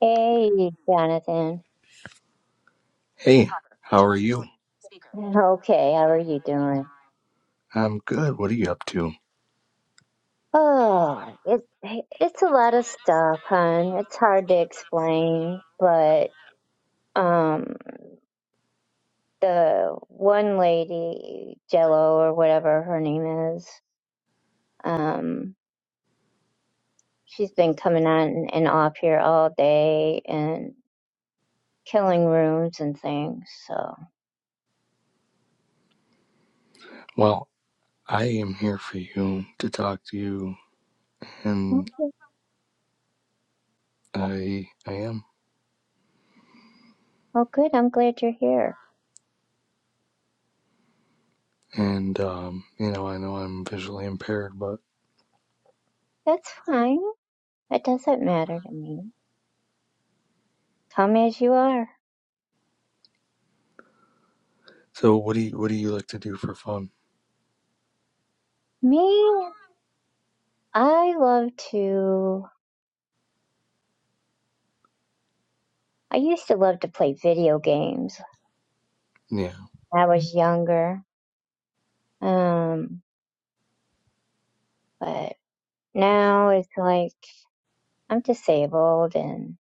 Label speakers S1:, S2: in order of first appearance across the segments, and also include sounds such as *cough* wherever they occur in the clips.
S1: Hey, Jonathan. *laughs*
S2: Hey, how are you?
S1: Okay, how are you doing?
S2: I'm good. What are you up to?
S1: Oh, it, it's a lot of stuff, hon. It's hard to explain, but um, the one lady, Jello or whatever her name is, um, she's been coming on and off here all day and killing rooms and things. So,
S2: Well, I am here for you to talk to you, and
S1: okay.
S2: I I am.
S1: well, good. I'm glad you're here.
S2: And um, you know, I know I'm visually impaired, but
S1: That's fine. It doesn't matter to me. Come as you are.
S2: so what do you what do you like to do for fun?
S1: Me? I love to. I used to love to play video games
S2: Yeah,
S1: when I was younger. Um, but now it's like I'm disabled and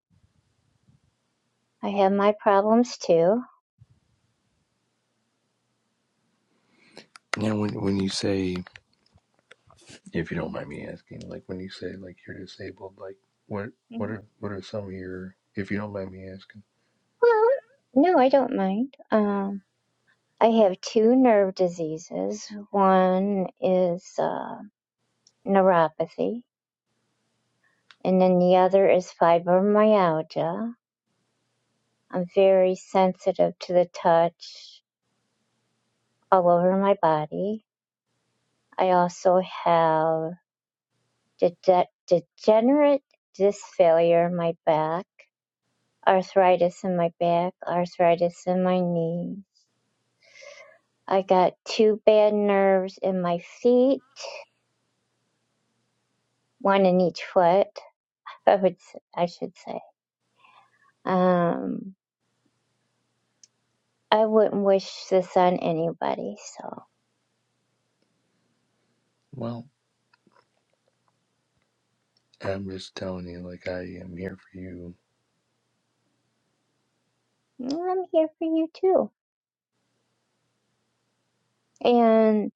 S1: I have my problems too.
S2: yeah. When when you say if you don't mind me asking, like when you say like you're disabled, like what what
S1: Mhm.
S2: are what are some of your if you don't mind me asking?
S1: Well, no, I don't mind. Um, I have two nerve diseases. One is uh, neuropathy, and then the other is fibromyalgia. I'm very sensitive to the touch all over my body I also have de- degenerate disc failure in my back, arthritis in my back, arthritis in my knees. I got two bad nerves in my feet, one in each foot. I would, I should say. Um, I wouldn't wish this on anybody. So
S2: Well, I'm just telling you, like I am here for you.
S1: mm, I'm here for you too. And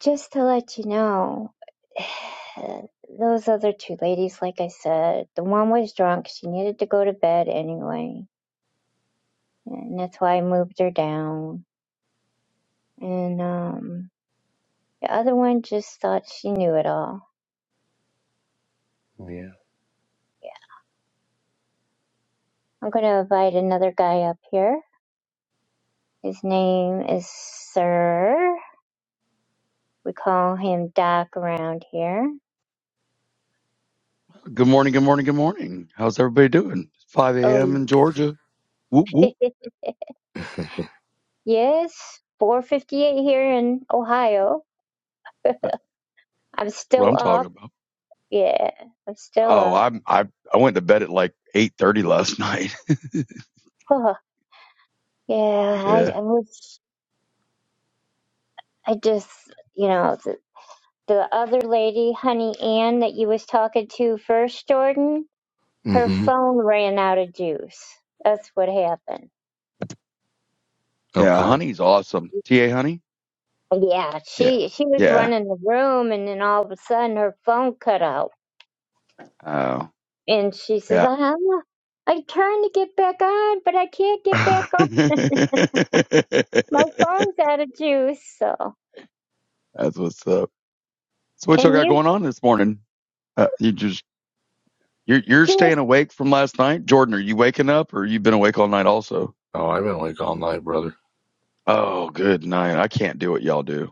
S1: Just to let you know, *sighs* those other two ladies, like I said, the one was drunk. She needed to go to bed anyway, and that's why I moved her down. And um, the other one just thought she knew it all.
S2: Yeah.
S1: Yeah. I'm gonna invite another guy up here. His name is Sir. We call him Doc around here.
S3: Good morning, good morning, good morning. How's everybody doing? 5 a.m.
S1: Oh,
S3: in Georgia. Whoop whoop.
S1: *laughs* yes, 4:58 here in Ohio. *laughs* I'm
S3: What
S1: still
S3: I'm
S1: up.
S3: talking about.
S1: Yeah, I'm still
S3: Oh,
S1: a.
S3: I'm I I went to bed at like 8:30 last *laughs* night.
S1: Huh, yeah, I,
S3: yeah,
S1: I was. I just, you know, the, the other lady, Honey Ann, that you was talking to first, Jordan, her
S2: Mm-hmm.
S1: phone ran out of juice. That's what happened.
S3: yeah.
S2: Okay.
S3: Honey's awesome. Ta Honey.
S1: Yeah,
S3: Yeah,
S1: she she was
S3: yeah.
S1: running the room, and then all of a sudden her phone cut out,
S3: Oh,
S1: and she says,
S3: yeah.
S1: "Uh-huh, "I'm, I turned to get back on, but I can't get back
S3: *laughs*
S1: on.
S3: That's
S1: My phone's out of juice." So,
S3: what's up. So what y'all
S1: and
S3: got
S1: you
S3: going on this morning? Uh, you just you're you're staying
S1: just,
S3: awake from last night, Jordan. Are you waking up, or you've been awake all night also?
S2: Oh, I've been awake all night, brother.
S3: Oh, good night. I can't do what y'all do.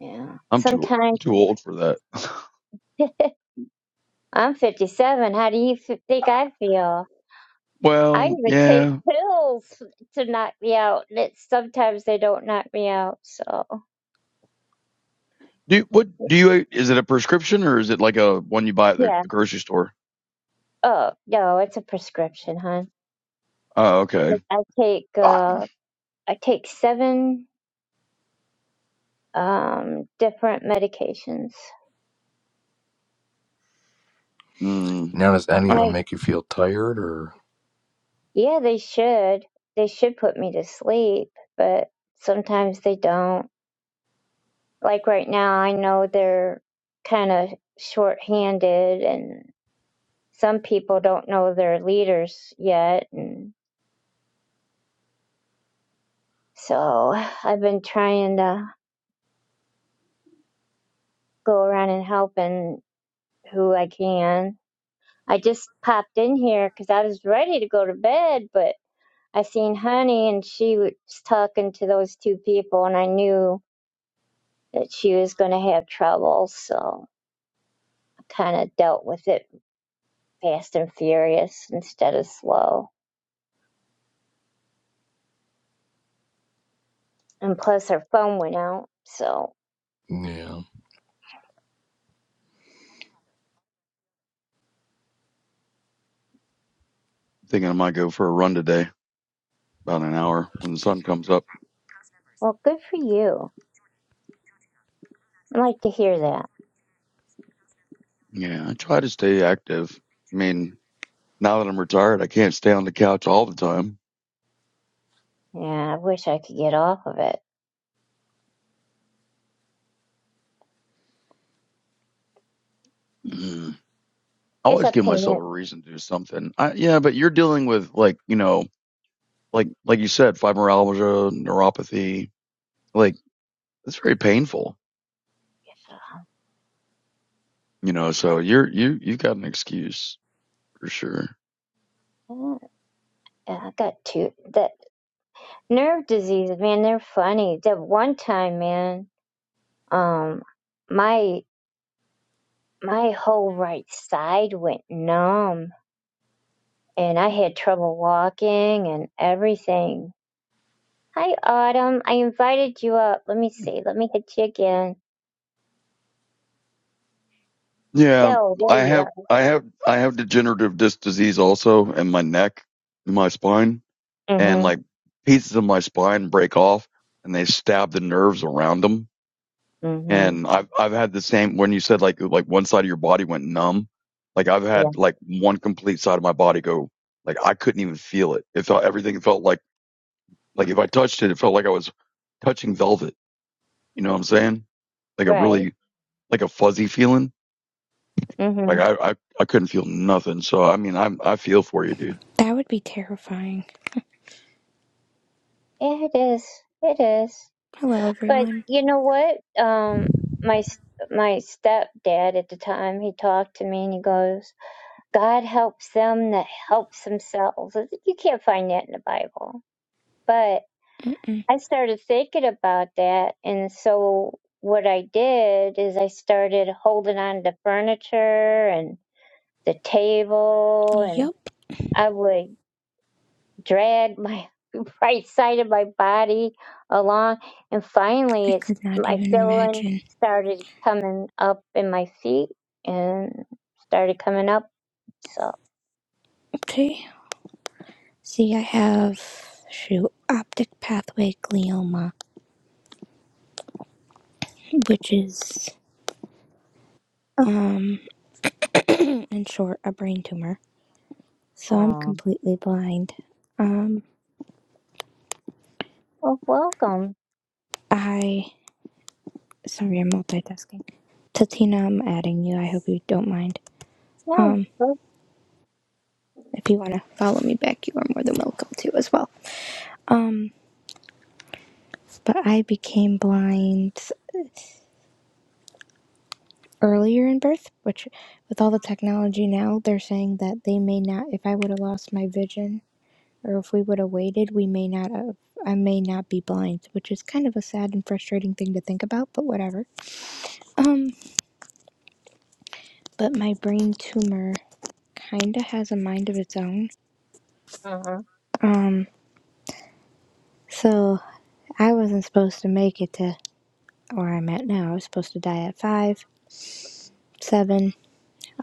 S1: yeah,
S3: I'm too old. I'm
S1: sometimes.
S3: Too old for that. *laughs*
S1: *laughs* I'm 57. How do you f- think I feel? I
S3: well,
S1: even take
S3: yeah.
S1: pills to knock me out. and It, sometimes they don't knock me out. So,
S3: Do you- what? Do you? Is it a prescription or is it like a one you buy at the,
S1: yeah.
S3: the grocery store?
S1: Oh, no, it's a prescription, hon.
S3: Oh, okay.
S1: Like, I take,
S3: Ah,
S1: uh, I take seven, um, different medications.
S3: Mm,
S2: Now does any of
S3: I'm
S2: them
S1: Like,
S2: make you feel tired or
S1: yeah, they should. They should put me to sleep, but sometimes they don't. Like right now, I know they're kind of short-handed and some people don't know their leaders yet and so i've been trying to go around and help and who i can i just popped in here because i was ready to go to bed but i seen honey and she was talking to those two people and i knew that she was going to have trouble so i kind of dealt with it fast and furious instead of slow and plus her phone went out so
S2: Yeah.
S3: thinking I might go for a run today, about an hour when the sun comes up.
S1: well good for you i like to hear that
S3: Yeah, I try to stay active. I mean, now that I'm retired, I can't stay on the couch all the time.
S1: Yeah, I wish I could get off of it.
S3: Mm, I
S1: It's
S3: always
S1: a
S3: give myself
S1: pain.
S3: a reason to do something. I, yeah, but you're dealing with like you know, like like you said, fibromyalgia, neuropathy. Like it's very painful You know, so you're you you got an excuse for sure.
S1: Uh, I got two that nerve diseases, man. They're funny. That one time, man, um, my my whole right side went numb, and I had trouble walking and everything. Hi, Autumn. I invited you up. Let me see. Let me hit you again.
S3: Yeah,
S1: No, there
S3: I
S1: you
S3: have
S1: are.
S3: I have I have degenerative disc disease also in my neck, in my spine, and
S1: Mhm.
S3: like pieces of my spine break off and they stab the nerves around them.
S1: Mhm.
S3: And I've I've had the same when you said like like one side of your body went numb, like I've
S1: Yeah.
S3: had like one complete side of my body go like I couldn't even feel it. It felt everything felt like like if I touched it, it felt like I was touching velvet. You know what I'm saying? Like a
S1: Right.
S3: really like a fuzzy feeling. Like
S1: Mhm.
S3: I, I, I couldn't feel nothing. So I mean, I'm, I feel for you, dude.
S4: That would be terrifying.
S1: Yeah, it is. It is.
S4: Hello,
S1: But
S4: everyone.
S1: you know what? Um, my s- my stepdad at the time, he talked to me and he goes, "God helps them that helps themselves." I said, You can't find that in the Bible. But
S4: Mm-mm.
S1: I started thinking about that, and so what I did is I started holding on to furniture and the table, and
S4: Yup.
S1: I would drag my *laughs* right side of my body along and
S4: I
S1: finally it's
S4: could not
S1: my
S4: even
S1: feeling
S4: imagine.
S1: started coming up in my feet and started coming up so
S4: Okay. See, I have shoot optic pathway glioma, which is um, *clears throat* in short, a brain tumor. So I'm
S1: oh
S4: completely blind. Um,
S1: well welcome
S4: I sorry, I'm multitasking. Tatina, I'm adding you. I hope you don't mind.
S1: yeah
S4: Um,
S1: wel-
S4: if you want to follow me back, you are more than welcome to as well. Um, but I became blind. earlier in birth, which with all the technology now, they're saying that they may not, if I would have lost my vision or if we would have waited, we may not have, I may not be blind, which is kind of a sad and frustrating thing to think about, but whatever. Um, but my brain tumor kind of has a mind of its own.
S1: uh-huh
S4: Um, so I wasn't supposed to make it to where I'm at now. I was supposed to die at 5, 7, eleven.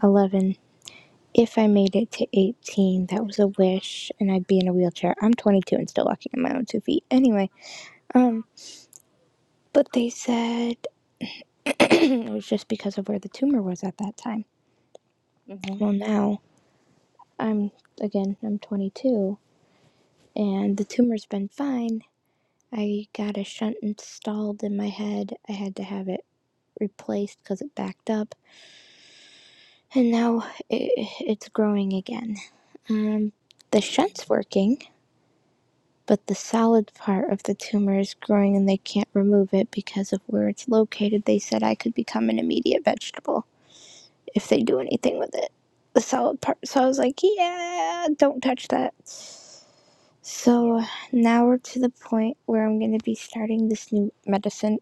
S4: if I made it to 18, that was a wish, and I'd be in a wheelchair. I'm 22 and still walking on my own two feet. Anyway, um, but they said mm, it was just because of where the tumor was at that time.
S1: hmm
S4: Well, now I'm again, I'm 22, and the tumor's been fine. I got a shunt installed in my head. I had to have it replaced because it backed up, and now it, it's growing again. Um, the shunt's working but the solid part of the tumor is growing and they can't remove it because of where it's located. They said I could become an immediate vegetable if they do anything with it. The solid part. So I was like, yeah, don't touch that.
S1: yeah
S4: So now we're to the point where I'm going to be starting this new medicine.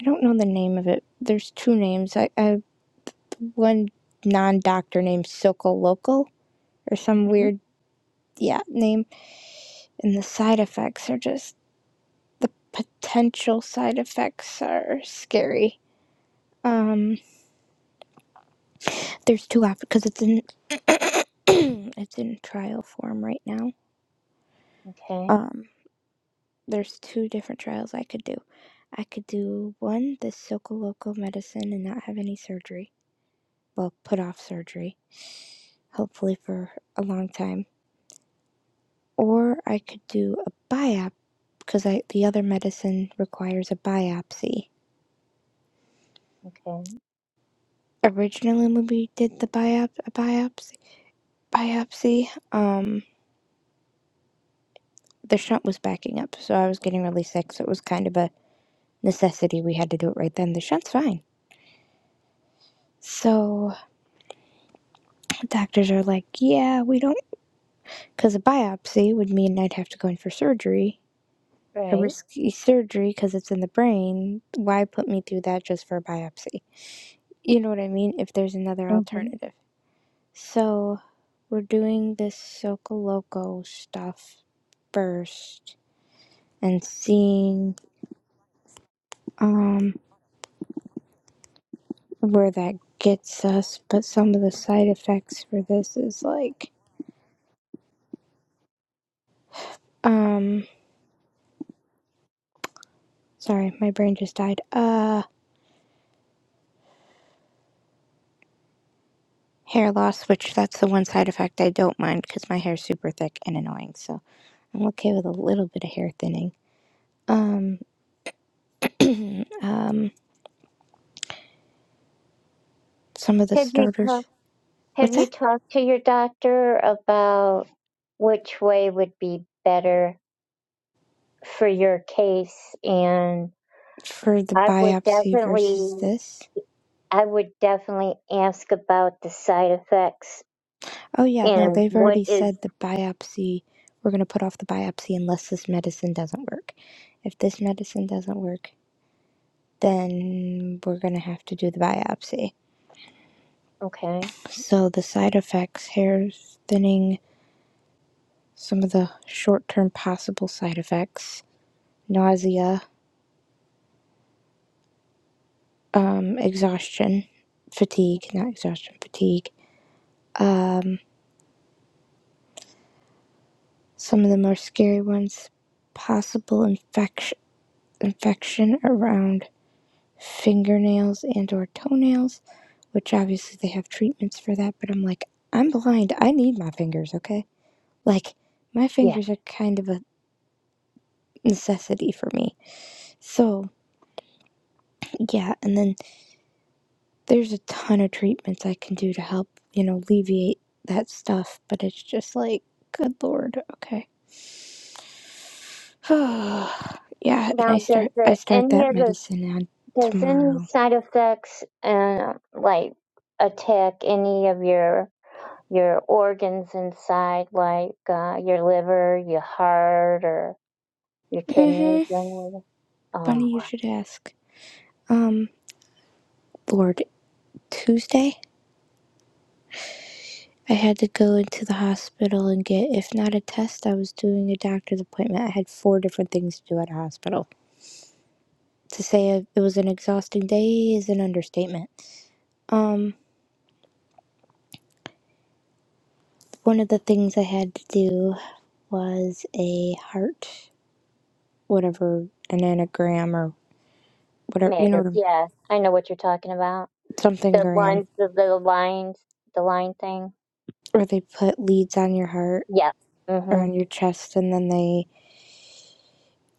S4: I don't know the name of it. There's two names. I, I one non doctor named Sokol Local or some
S1: hmm
S4: weird yeah name, and the side effects are just the potential side effects are scary. Um, there's two options because it's in *clears throat* it's in trial form right now.
S1: okay
S4: Um, there's two different trials I could do. I could do one the local medicine and not have any surgery. Well, put off surgery, hopefully for a long time. Or I could do a biopsy because I the other medicine requires a biopsy.
S1: okay
S4: Originally, when we did the biop a biopsy biopsy, um, the shunt was backing up, so I was getting really sick. So it was kind of a necessity. We had to do it right then. The shunt's fine. So doctors are like, yeah, we don't, because a biopsy would mean I'd have to go in for surgery, a
S1: right
S4: risky surgery because it's in the brain. Why put me through that just for a biopsy? You know what I mean? If there's another
S1: hmm
S4: alternative. So we're doing this Socoloco stuff first and seeing um. where that gets us, but some of the side effects for this is like, um, sorry, my brain just died. Uh, hair loss, which that's the one side effect I don't mind because my hair's super thick and annoying, so I'm okay with a little bit of hair thinning. Um, um, some of the
S1: have you talked
S4: starters.
S1: have
S4: What's
S1: you
S4: that?
S1: talked to your doctor about which way would be better for your case and?
S4: For the
S1: I would
S4: biopsy versus
S1: definitely,
S4: this.
S1: I would definitely ask about the side effects
S4: Oh, yeah, no,
S1: and
S4: they've
S1: what
S4: already
S1: is
S4: said the biopsy, we're going to put off the biopsy unless this medicine doesn't work. If this medicine doesn't work, then we're going to have to do the biopsy.
S1: okay.
S4: So, the side effects hair thinning, some of the short term possible side effects nausea, um, exhaustion, fatigue, not exhaustion, fatigue. Some of the more scary ones possible infection, infection around fingernails and or toenails which obviously they have treatments for that but i'm like i'm blind i need my fingers okay like my
S1: Yeah.
S4: fingers are kind of a necessity for me. So, yeah, and then there's a ton of treatments I can do to help, you know, alleviate that stuff, but it's just like, good lord, okay. *sighs* yeah, and
S1: Now,
S4: I
S1: does
S4: start I
S1: the,
S4: start
S1: any
S4: that
S1: of the
S4: medicine on
S1: does any
S4: tomorrow.
S1: side effects uh, like attack any of your your organs inside, like uh, your liver, your heart, Your kidneys
S4: Mhm.
S1: run with it.
S4: Funny
S1: Oh,
S4: you
S1: wow.
S4: should ask. Um, lord, Tuesday I had to go into the hospital and get if not a test, I was doing a doctor's appointment. I had four different things to do at a hospital. To say it was an exhausting day is an understatement. Um, one of the things I had to do was a heart, whatever, an anagram or whatever, you know,
S1: mega.
S4: what I'm-
S1: Yeah, I know what you're talking about.
S4: something
S1: The
S4: gram,
S1: ones, the little lines, the line thing.
S4: where they put leads on your heart
S1: Yeah.
S4: or on
S1: Mm-hmm.
S4: your chest and then they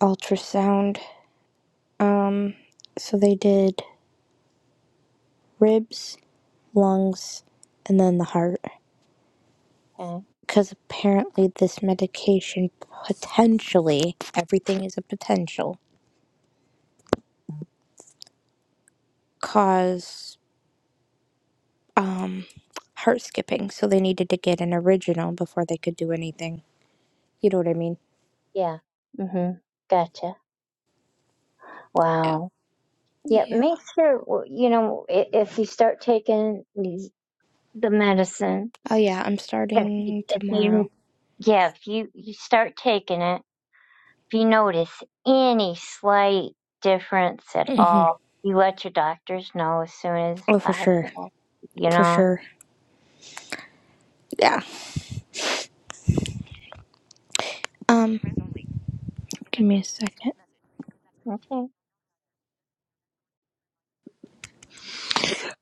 S4: ultrasound. Um, so they did ribs, lungs, and then the heart.
S1: Okay.
S4: Because apparently, this medication potentially, everything is a potential, cause um heart skipping so they needed to get an original before they could do anything you know what i mean
S1: Yeah. Mm-hmm. Gotcha.
S4: yeah
S1: Wow. Yeah.
S4: yeah
S1: Make sure w- you know i- if you start taking these, the medicine.
S4: oh yeah i'm
S1: If you,
S4: starting
S1: if
S4: tomorrow
S1: you, yeah, if you you start taking it. If you notice any slight difference at
S4: hmm
S1: all, you let your doctors know as soon as
S4: oh for sure
S1: possible. You
S4: for
S1: know?
S4: sure yeah um give me a second
S1: Okay.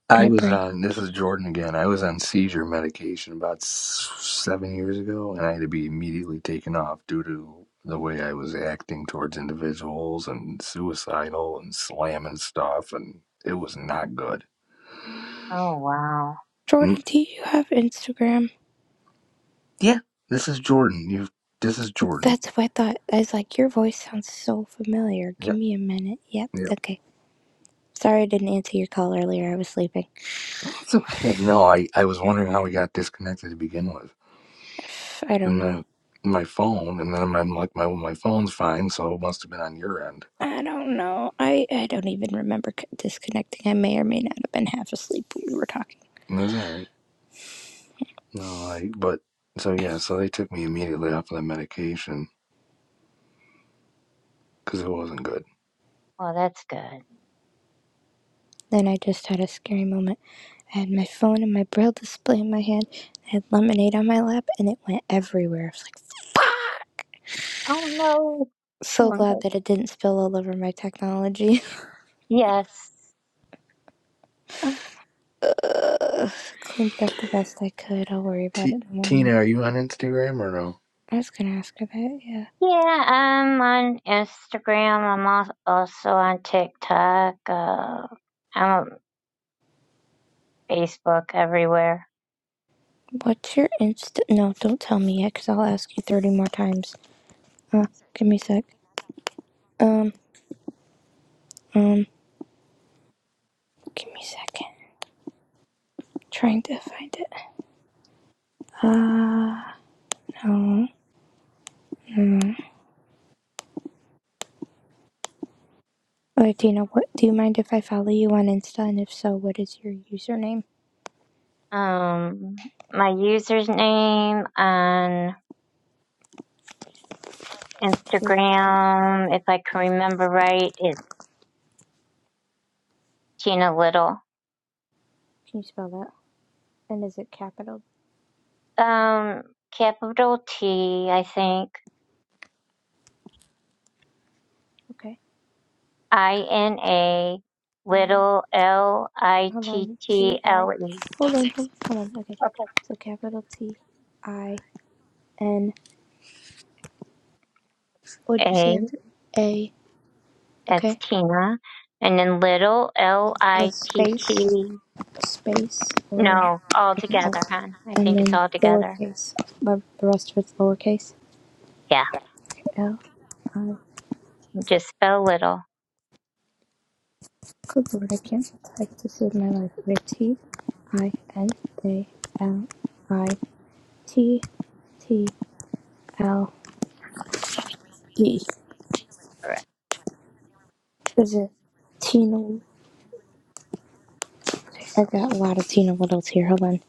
S2: I
S4: my
S2: was
S4: brain
S2: on, this is Jordan again. I was on seizure medication about s- seven years ago, and I had to be immediately taken off due to the way I was acting towards individuals and suicidal and slamming stuff, and it was not good.
S1: Oh, wow.
S2: Mm,
S4: jordan do you have instagram
S2: Yeah, this is Jordan. You, this is Jordan.
S4: that's what i thought i was like your voice sounds so familiar give
S2: Yep,
S4: me a minute yep
S2: yep.
S4: okay sorry i didn't answer your call earlier i was sleeping
S2: It's okay. No, I, I was wondering how we got disconnected to begin with,
S4: *sighs* If- i don't
S2: and
S4: know
S2: then my phone, and then I'm like, my my phone's fine, so it must have been on your end.
S4: I don't know. I, I don't even remember c- disconnecting. I may or may not have been half asleep when we were talking.
S2: That's all right. No, I, but so yeah, so they took me immediately off of the medication because it wasn't good.
S1: Well, that's good.
S4: Then I just had a scary moment. I had my phone and my braille display in my hand. I had lemonade on my lap, and it went everywhere. I was like, fuck!
S1: Oh, no.
S4: So
S1: Oh,
S4: glad
S1: no.
S4: that it didn't spill all over my technology.
S1: Yes. Uh,
S4: *laughs* Ugh, Cleaned it up the best I could. I'll worry about it
S2: T-
S4: in the morning.
S2: Tina, are you on Instagram or no?
S4: I was gonna ask her that, yeah.
S1: Yeah, I'm on Instagram. I'm al- also on TikTok. Uh, I'm on Facebook everywhere.
S4: What's your insta? No, don't tell me yet, because I'll ask you 30 more times. Uh, give me a sec. Um. um. Give me a second. I'm Trying to find it. Ah, Uh, no, no. Latina, what? Do you mind if I follow you on Insta? And if so, what is your username?
S1: Um, my user's name on
S4: Can
S1: Instagram, if I can remember right, it's Tina Little.
S4: you spell that? And is it capital?
S1: Um, capital T, I think.
S4: Okay.
S1: I N A
S4: I
S1: little L I
S4: hold
S1: T
S4: on.
S1: T
S4: C I.
S1: L E.
S4: Hold on. Hold on. Okay.
S1: Okay.
S4: So capital T I N. What did you say
S1: A,
S4: after A?
S1: that's
S4: Okay.
S1: Tina. And then little L
S4: A
S1: I T
S4: space.
S1: T.
S4: A Space or
S1: No, all
S4: okay. L.
S1: together, hon. I
S4: And
S1: think it's
S4: then
S1: all together.
S4: lowercase. the rest of it's lowercase.
S1: Yeah,
S4: L I
S1: just spell little.
S4: Good word again. Like this is my life with T I N A L I T T L E.
S1: Correct.
S4: There's a Tina. I've got a lot of Tina Littles here. Hold on.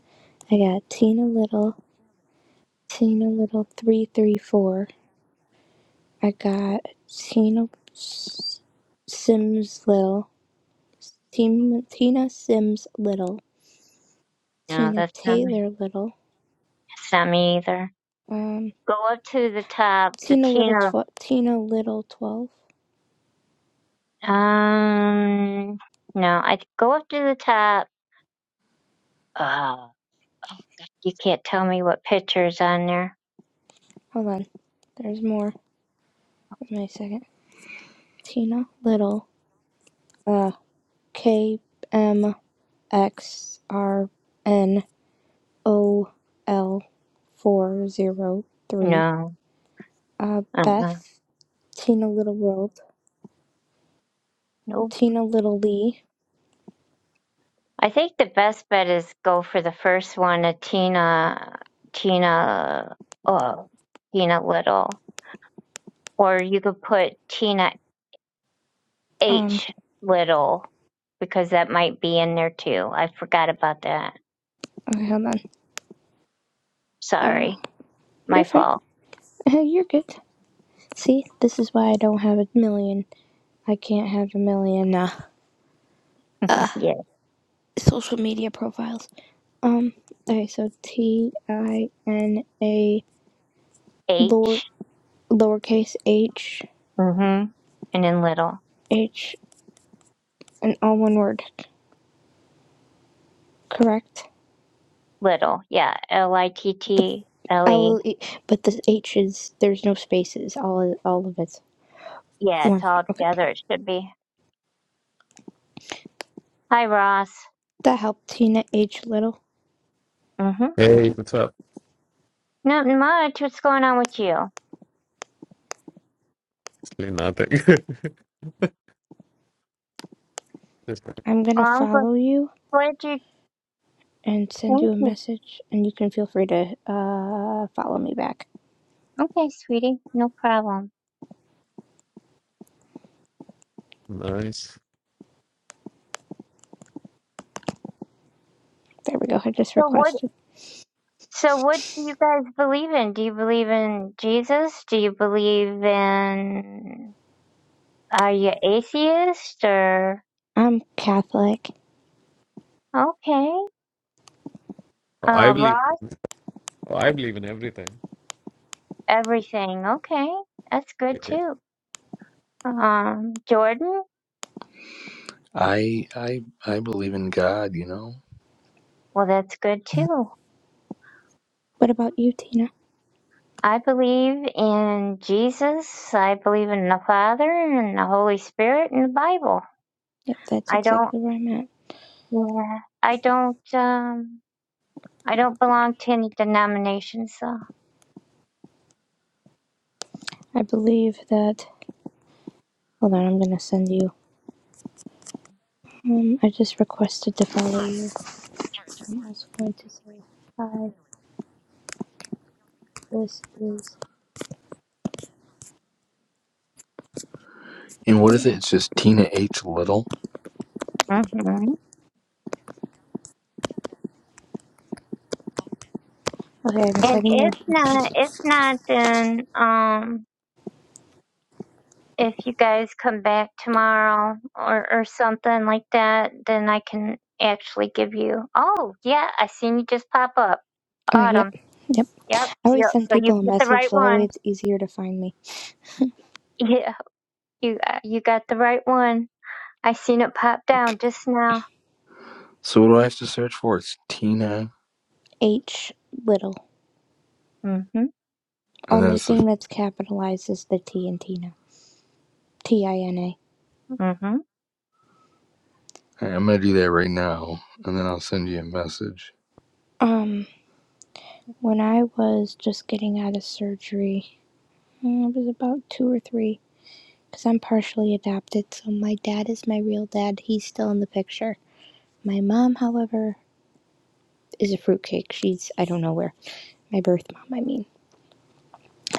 S4: I got Tina Little, Tina Little three three four. I got Tina S- Sims Little, Tina Tina Sims Little,
S1: No,
S4: Tina
S1: that's not me.
S4: Taylor Little,
S1: It's not me either.
S4: um,
S1: Go up to the top, the
S4: Tina Little
S1: Tina
S4: tw- Tina Little twelve.
S1: Um, no, I go up to the top. Uh, Oh, God, you can't tell me what picture's on there.
S4: Hold on. There's more. My second. Tina Little. Uh, K M X R N O L four zero three.
S1: No,
S4: Uh,
S1: uh-uh,
S4: Beth. Tina Little World.
S1: nope.
S4: Tina Little Lee.
S1: I think the best bet is go for the first one, a Tina, Tina, oh, Tina Little, or you could put Tina
S4: Um,
S1: H Little because that might be in there too. I forgot about that.
S4: okay, hold on. Uh,
S1: Sorry,
S4: you're
S1: my
S4: fine.
S1: fault.
S4: *laughs* you're good. See, this is why I don't have a million. I can't have a million, uh,
S1: *laughs*
S4: uh,
S1: Yeah,
S4: social media profiles. Um, okay, so T I N A lower,
S1: H.
S4: lowercase h
S1: Mm-hmm. And then Little.
S4: H and all one word, correct?
S1: Little, yeah, L I T
S4: The
S1: T L E.
S4: L E, but the H is there's no spaces. All all of it's
S1: Yeah, it's
S4: one.
S1: all
S4: Okay,
S1: together. It should be. Hi, Ross.
S4: that helped. Tina H Little.
S1: Mm-hmm.
S5: Hey, what's up?
S1: Nothing much. What's going on with you? Well,
S5: Actually, nothing. *laughs* Just
S4: I'm gonna
S1: I'm glad
S4: follow you
S1: glad you.
S4: and send you
S1: Thank
S4: a
S1: you.
S4: message, and you can feel free to uh follow me back.
S1: Okay, sweetie, no problem.
S5: nice.
S4: There we go. I just
S1: So what?
S4: requested.
S1: So what do you guys believe in? Do you believe in Jesus? Do you believe in? Are you atheist or?
S4: I'm Catholic.
S1: Okay.
S5: Oh, I
S1: Uh,
S5: believe.
S1: Ross,
S5: oh, I believe in everything.
S1: everything. Okay, that's good
S5: Okay.
S1: too. Um, Jordan.
S2: I I I believe in God, you know.
S1: Well, that's good too.
S4: What about you, Tina?
S1: I believe in Jesus. I believe in the Father and the Holy Spirit and the Bible.
S4: Yep, that's
S1: I don't,
S4: exactly where I'm at.
S1: yeah, I don't, um, I don't belong to any denomination, so.
S4: I believe that. Hold on, I'm gonna send you. Um, I just requested to follow you. I'm also going to say hi. This is
S2: And what is it? It's just Tina H Little.
S1: hmm
S4: okay. The
S1: And
S4: second go.
S1: if
S4: This
S1: not,
S4: is-
S1: if not, then, um, if you guys come back tomorrow or, or something like that, then I can actually give you, oh, yeah, I seen you just pop up.
S4: Okay.
S1: Autumn.
S4: Yep. Yep.
S1: Yep.
S4: I
S1: So
S4: always send
S1: so you
S4: people a
S1: get the
S4: message,
S1: right
S4: so that
S1: one.
S4: way it's easier to find me.
S1: Yeah, you uh, you got the right one. I seen it pop down just now.
S2: So what do I have to search for? It's Tina,
S4: H little.
S1: Mm-hmm.
S2: and then
S4: Only
S2: it's the.
S4: thing that's capitalized is the T in Tina. T I N A.
S1: Mm-hmm.
S2: Alright, I'm gonna do that right now, and then I'll send you a message.
S4: Um. When I was just getting out of surgery, uh, it was about two or three. Cause I'm partially adopted, so my dad is my real dad. He's still in the picture. My mom, however, is a fruitcake. She's I don't know where. My birth mom, I mean.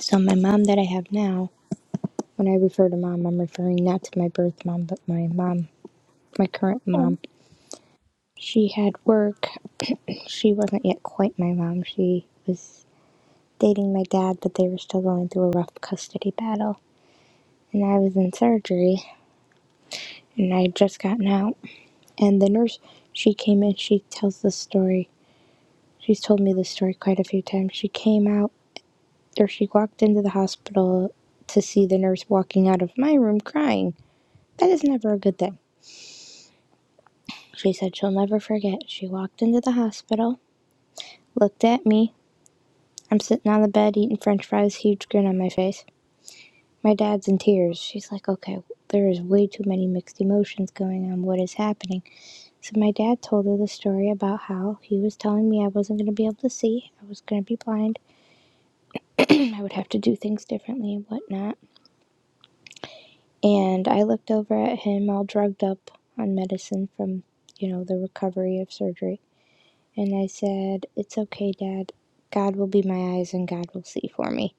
S4: So my mom that I have now When I refer to mom, I'm referring not to my birth mom, but my mom, my current
S1: Okay.
S4: mom. She had work. *clears throat* she wasn't yet quite my mom. She was dating my dad, but they were still going through a rough custody battle. And I was in surgery, and I had just gotten out. And the nurse, she came in, she tells this story. She's told me this story quite a few times. She came out, or she walked into the hospital to see the nurse walking out of my room crying. That is never a good thing. She said she'll never forget. She walked into the hospital, looked at me. I'm sitting on the bed eating french fries, huge grin on my face. My dad's in tears. She's like, okay, there is way too many mixed emotions going on. What is happening? So my dad told her the story about how he was telling me I wasn't going to be able to see, I was going to be blind, I would have to do things differently and whatnot. And I looked over at him all drugged up on medicine from, you know, the recovery of surgery. And I said, It's okay, Dad. God will be my eyes and God will see for me.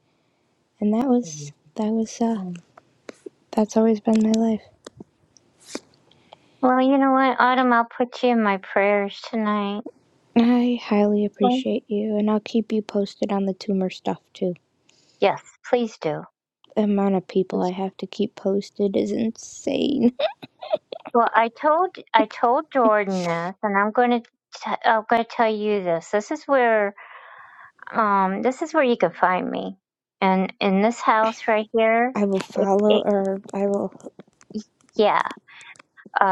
S4: And that
S1: Thank
S4: was, that was, uh, that's always been my life.
S1: Well, you know what, Autumn, I'll put you in my prayers tonight.
S4: I highly
S1: Okay.
S4: appreciate you, and I'll keep you posted on the tumor stuff too.
S1: Yes, please do.
S4: The amount of people I
S1: Please.
S4: have to keep posted is insane.
S1: Well, I told I told Jordan this, and I'm going to t- I'm going to tell you this. This is where um this is where you can find me, and in this house right here.
S4: I will
S1: It,
S4: follow,
S1: it
S4: or I will,
S1: yeah.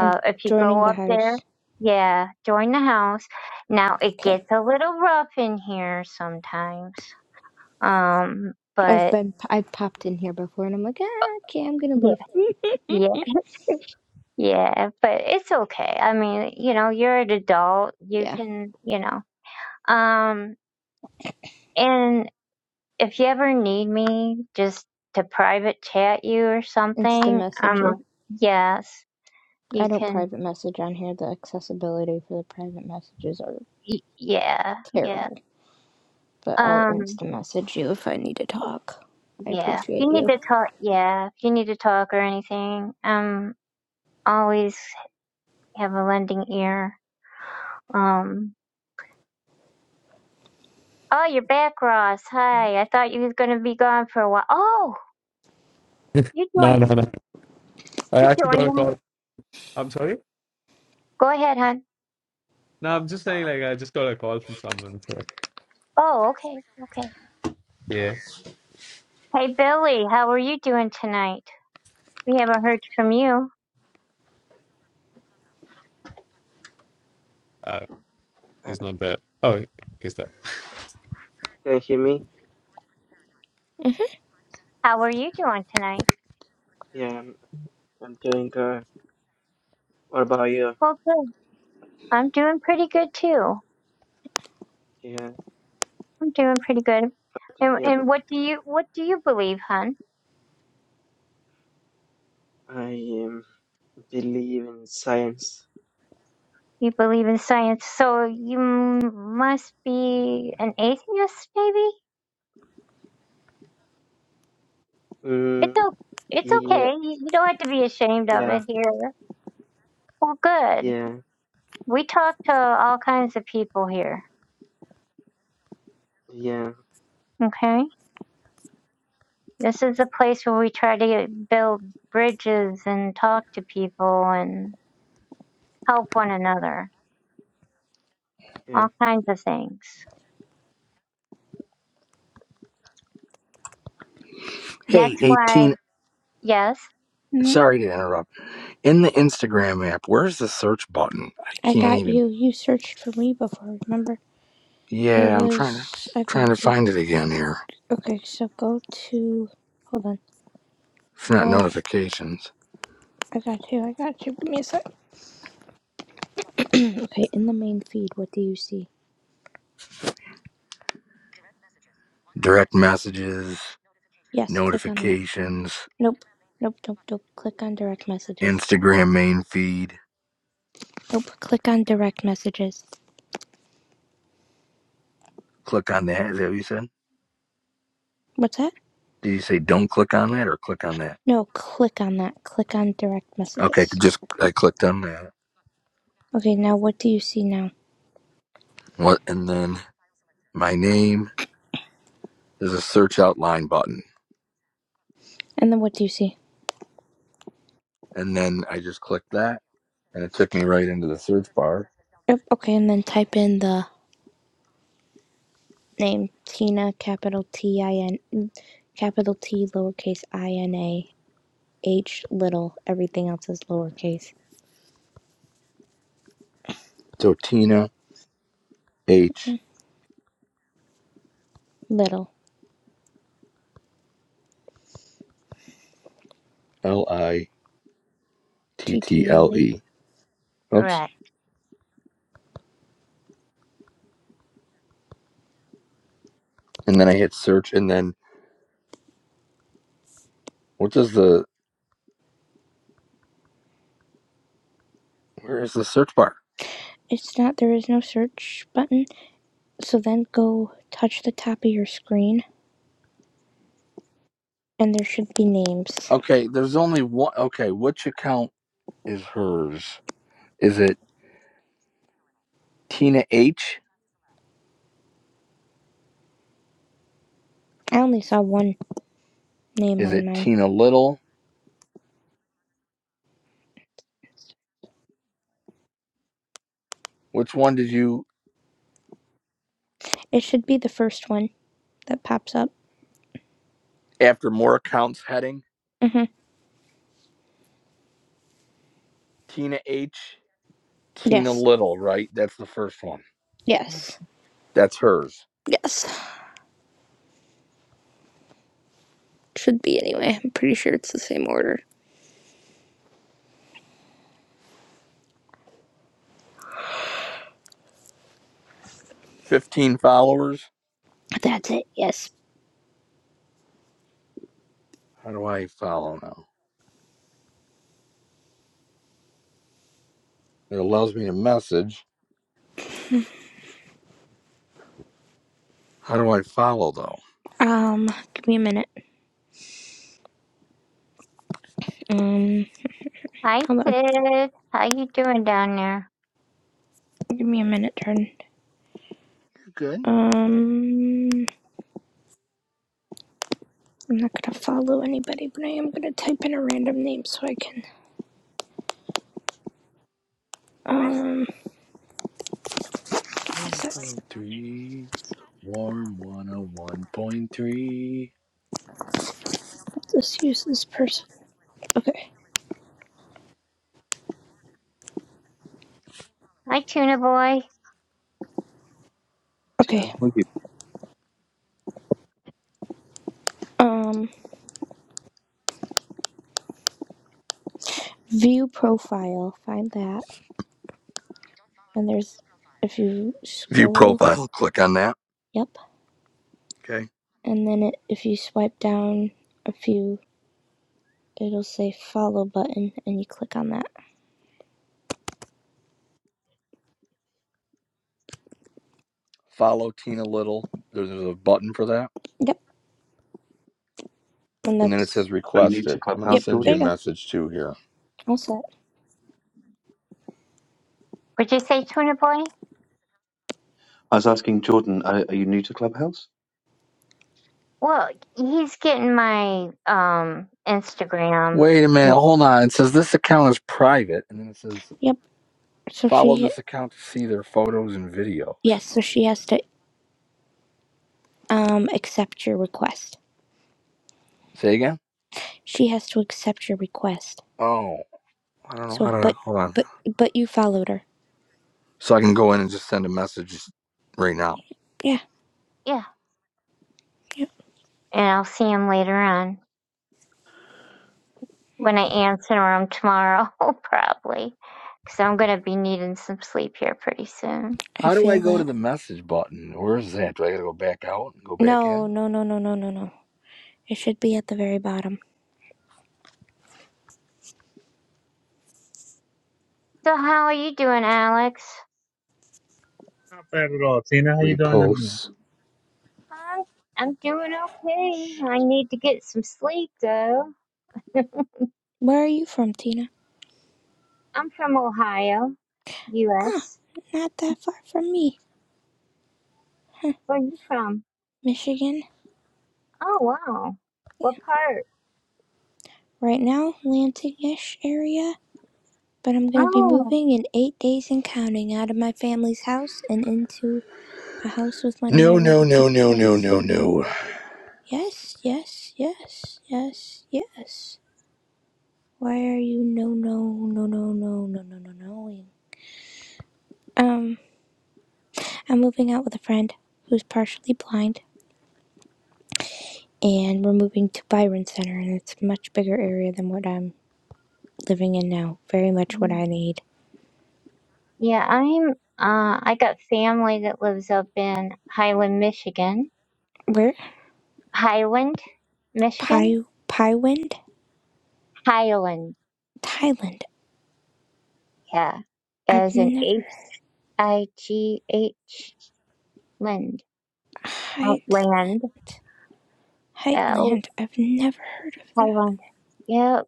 S4: I'm
S1: if you
S4: joining
S1: go
S4: the
S1: up
S4: house.
S1: there, yeah, join the house. Now it
S4: Okay.
S1: gets a little rough in here sometimes. Um,
S4: I've
S1: but
S4: been, I've popped in here before, and I'm like, ah, okay, I'm gonna leave.
S1: *laughs* yeah, yeah, yeah, but it's okay. I mean, you know, you're an adult.
S4: *laughs*
S1: You
S4: yeah,
S1: can, you know, um, and if you ever need me just to private chat you or
S4: insta
S1: something,
S4: message you.
S1: um, yes,
S4: I
S1: you
S4: don't
S1: can.
S4: private message on here. The accessibility for the private messages are
S1: y- Yeah, yeah.
S4: terrible. But I'll
S1: Um,
S4: insta message you if I need to talk. I
S1: Yeah. If
S4: appreciate
S1: you need
S4: you.
S1: to talk, yeah. If you need to talk or anything, um, always have a lending ear. Um. Oh, you're back, Ross. Hi. I thought you was gonna be gone for a while. Oh,
S5: *laughs*
S1: you
S5: No,
S1: join.
S5: no, no. I
S1: You
S5: actually
S1: join
S5: got a
S1: now.
S5: call. I'm sorry.
S1: Go ahead, hon.
S5: No, I'm just saying. Like, I just got a call from someone. So
S1: Oh, okay, okay.
S5: yeah,
S1: Hey, Billy, how are you doing tonight? We haven't heard from you.
S5: uh,
S6: Uh,
S5: he's not there. Oh, he's there.
S6: can you hear me?
S4: Mhm.
S1: How are you doing tonight?
S6: Yeah, I'm, I'm doing good. What about you?
S1: Well, good. I'm doing pretty good too.
S6: Yeah,
S1: I'm doing pretty good. And
S6: yeah.
S1: and what do you what do you believe, hon?
S6: I um, believe in science.
S1: You believe in science, so you m- must be an atheist, maybe? It's,
S6: Mm,
S1: o- it's
S6: yeah,
S1: okay. You you don't have to be ashamed of
S6: yeah,
S1: it here. Well, good.
S6: yeah,
S1: We talk to all kinds of people here,
S6: yeah,
S1: okay? This is a place where we try to get- build bridges and talk to people and help one another,
S6: yeah.
S1: all kinds of things.
S2: Hey,
S1: That's why,
S2: eighteen.
S1: yes, Mhm.
S2: Sorry to interrupt. In the Instagram app, where's the search button? I
S4: I
S2: can't
S4: got
S2: even.
S4: you. You searched for me before, remember? It
S2: Yeah, I'm trying to
S4: was. I
S2: trying to
S4: got you.
S2: find it again here.
S4: Okay, so go to. Hold on.
S2: It's not
S4: Uh,
S2: notifications.
S4: I got you. I got you. Give me a sec. *clears throat* okay, in the main feed, what do you see?
S2: Direct messages,
S4: Yes, click on that.
S2: notifications,
S4: Nope. Nope, nope, nope. Click on direct messages.
S2: Instagram main feed.
S4: Nope, click on direct messages.
S2: Click on that. Is that what you said?
S4: What's that?
S2: Did you say don't click on that or click on that?
S4: No, click on that. Click on direct
S2: Okay,
S4: messages.
S2: just I clicked on that.
S4: Okay, now what do you see now?
S2: What? And then my name. There's a search outline button,
S4: And then what do you see?
S2: and then I just clicked that, and it took me right into the search bar.
S4: Yep, okay, and then type in the name Tina, capital T I N, mm, capital T, lowercase I N A, H, little. Everything else is lowercase.
S2: So Tina H
S4: Hmm, Little.
S2: L I T
S4: T
S2: T
S4: T L
S2: L
S4: E.
S2: E. Oops.
S1: Right.
S2: And then I hit search, and then what does the where is the search bar?
S4: It's not, there is no search button. So then go touch the top of your screen, and there should be names.
S2: Okay, there's only one. Okay, which account is hers? Is it Tina H?
S4: I only saw one name
S2: Is
S4: on
S2: it
S4: mine.
S2: Tina Little? Which one did you,
S4: It should be the first one that pops up.
S2: after more accounts heading?
S4: Mm-hmm.
S2: Tina H, Tina
S4: Yes.
S2: Little, right? That's the first one.
S4: Yes.
S2: That's hers.
S4: Yes. Should be anyway. I'm pretty sure it's the same order.
S2: 15 followers.
S4: That's it. Yes.
S2: How do I follow now? It allows me to message. How do I follow though?
S4: Um, give me a minute. Um,
S1: Hi,
S4: hold on.
S1: Sid. How you doing down there?
S4: Give me a minute, turn.
S2: Good.
S4: Um, I'm not gonna follow anybody, but I am gonna type in a random name so I can. Um, let's
S2: 1.3, warm 101.3.
S4: use this person. Okay.
S1: Hi, Tuna Boy.
S7: Tina,
S4: Okay.
S7: are you,
S4: Um, view profile. Find that, and there's if you
S2: View
S4: scroll.
S2: profile, click on that.
S4: Yep.
S2: Okay.
S4: And then it, if you swipe down a few it'll say follow button and you click on that.
S2: follow Tina Little. There's, a button for that.
S4: Yep. And
S2: And then it
S4: that's
S2: says
S7: are you new to
S2: requested. I'm going to
S7: Clubhouse,
S4: yep,
S2: send you
S4: there
S2: a
S4: you
S7: Jordan?
S4: go.
S2: message too here.
S4: All set.
S1: Would you say tuna boy?
S7: I was asking Jordan, are, are you new to Clubhouse?
S1: Well, he's getting my um Instagram.
S2: Wait a minute. Hold on. It says this account is private. And then it says
S4: Yep. So
S2: follow
S4: she hit
S2: this account to see their photos and videos.
S4: yes, so she has to um accept your request.
S2: Say again?
S4: She has to accept your request.
S2: Oh, I don't know how
S4: So
S2: to.
S4: but
S2: Hold on.
S4: but but you followed her.
S2: So I can go in and just send a message right now.
S4: Yeah,
S1: Yeah,
S4: yep.
S1: and I'll see him later on when I answer him tomorrow, *laughs* probably, because I'm gonna be needing some sleep here pretty soon.
S4: I
S2: How do I
S4: feel
S2: go to
S4: that.
S2: the message button? Where is that? Do I got to go back out and go back
S4: No,
S2: in?
S4: no, no, no, no, no, no. It should be at the very bottom.
S1: So how are you doing, Alex?
S8: Not bad at all. Tina, how you doing this morning?
S2: Reposts.
S1: I'm I'm doing okay. I need to get some sleep though. *laughs*
S4: Where are you from, Tina?
S1: I'm from Ohio,
S4: Ah,
S1: U.S.
S4: not that far from me.
S1: Where are you from?
S4: Michigan.
S1: Oh wow,
S4: Yeah.
S1: what part?
S4: Right now, Lansing ish area. But I'm going to be
S1: Oh.
S4: moving in eight days and counting out of my family's house and into a house with one of my
S2: No, no,
S4: really
S2: no,
S4: good
S2: no, no,
S4: friends.
S2: no, no.
S4: Yes, yes, yes, yes, yes. Why are you no, no, no, no, no, no, no, no, noing? Um, I'm moving out with a friend who's partially blind, and we're moving to Byron Center, and it's a much bigger area than what I'm living in now. Very much what I need.
S1: Yeah, I'm uh I got family that lives up in Highland, Michigan.
S4: Where?
S1: Highland, Michigan?
S4: Pai Pywind?
S1: Highland,
S4: Thailand.
S1: yeah.
S4: I've
S1: As in H
S4: never
S1: I G H land.
S4: Heightland.
S1: Outland. Oh,
S4: Heightland. I've never heard of that.
S1: Highland. Yeah.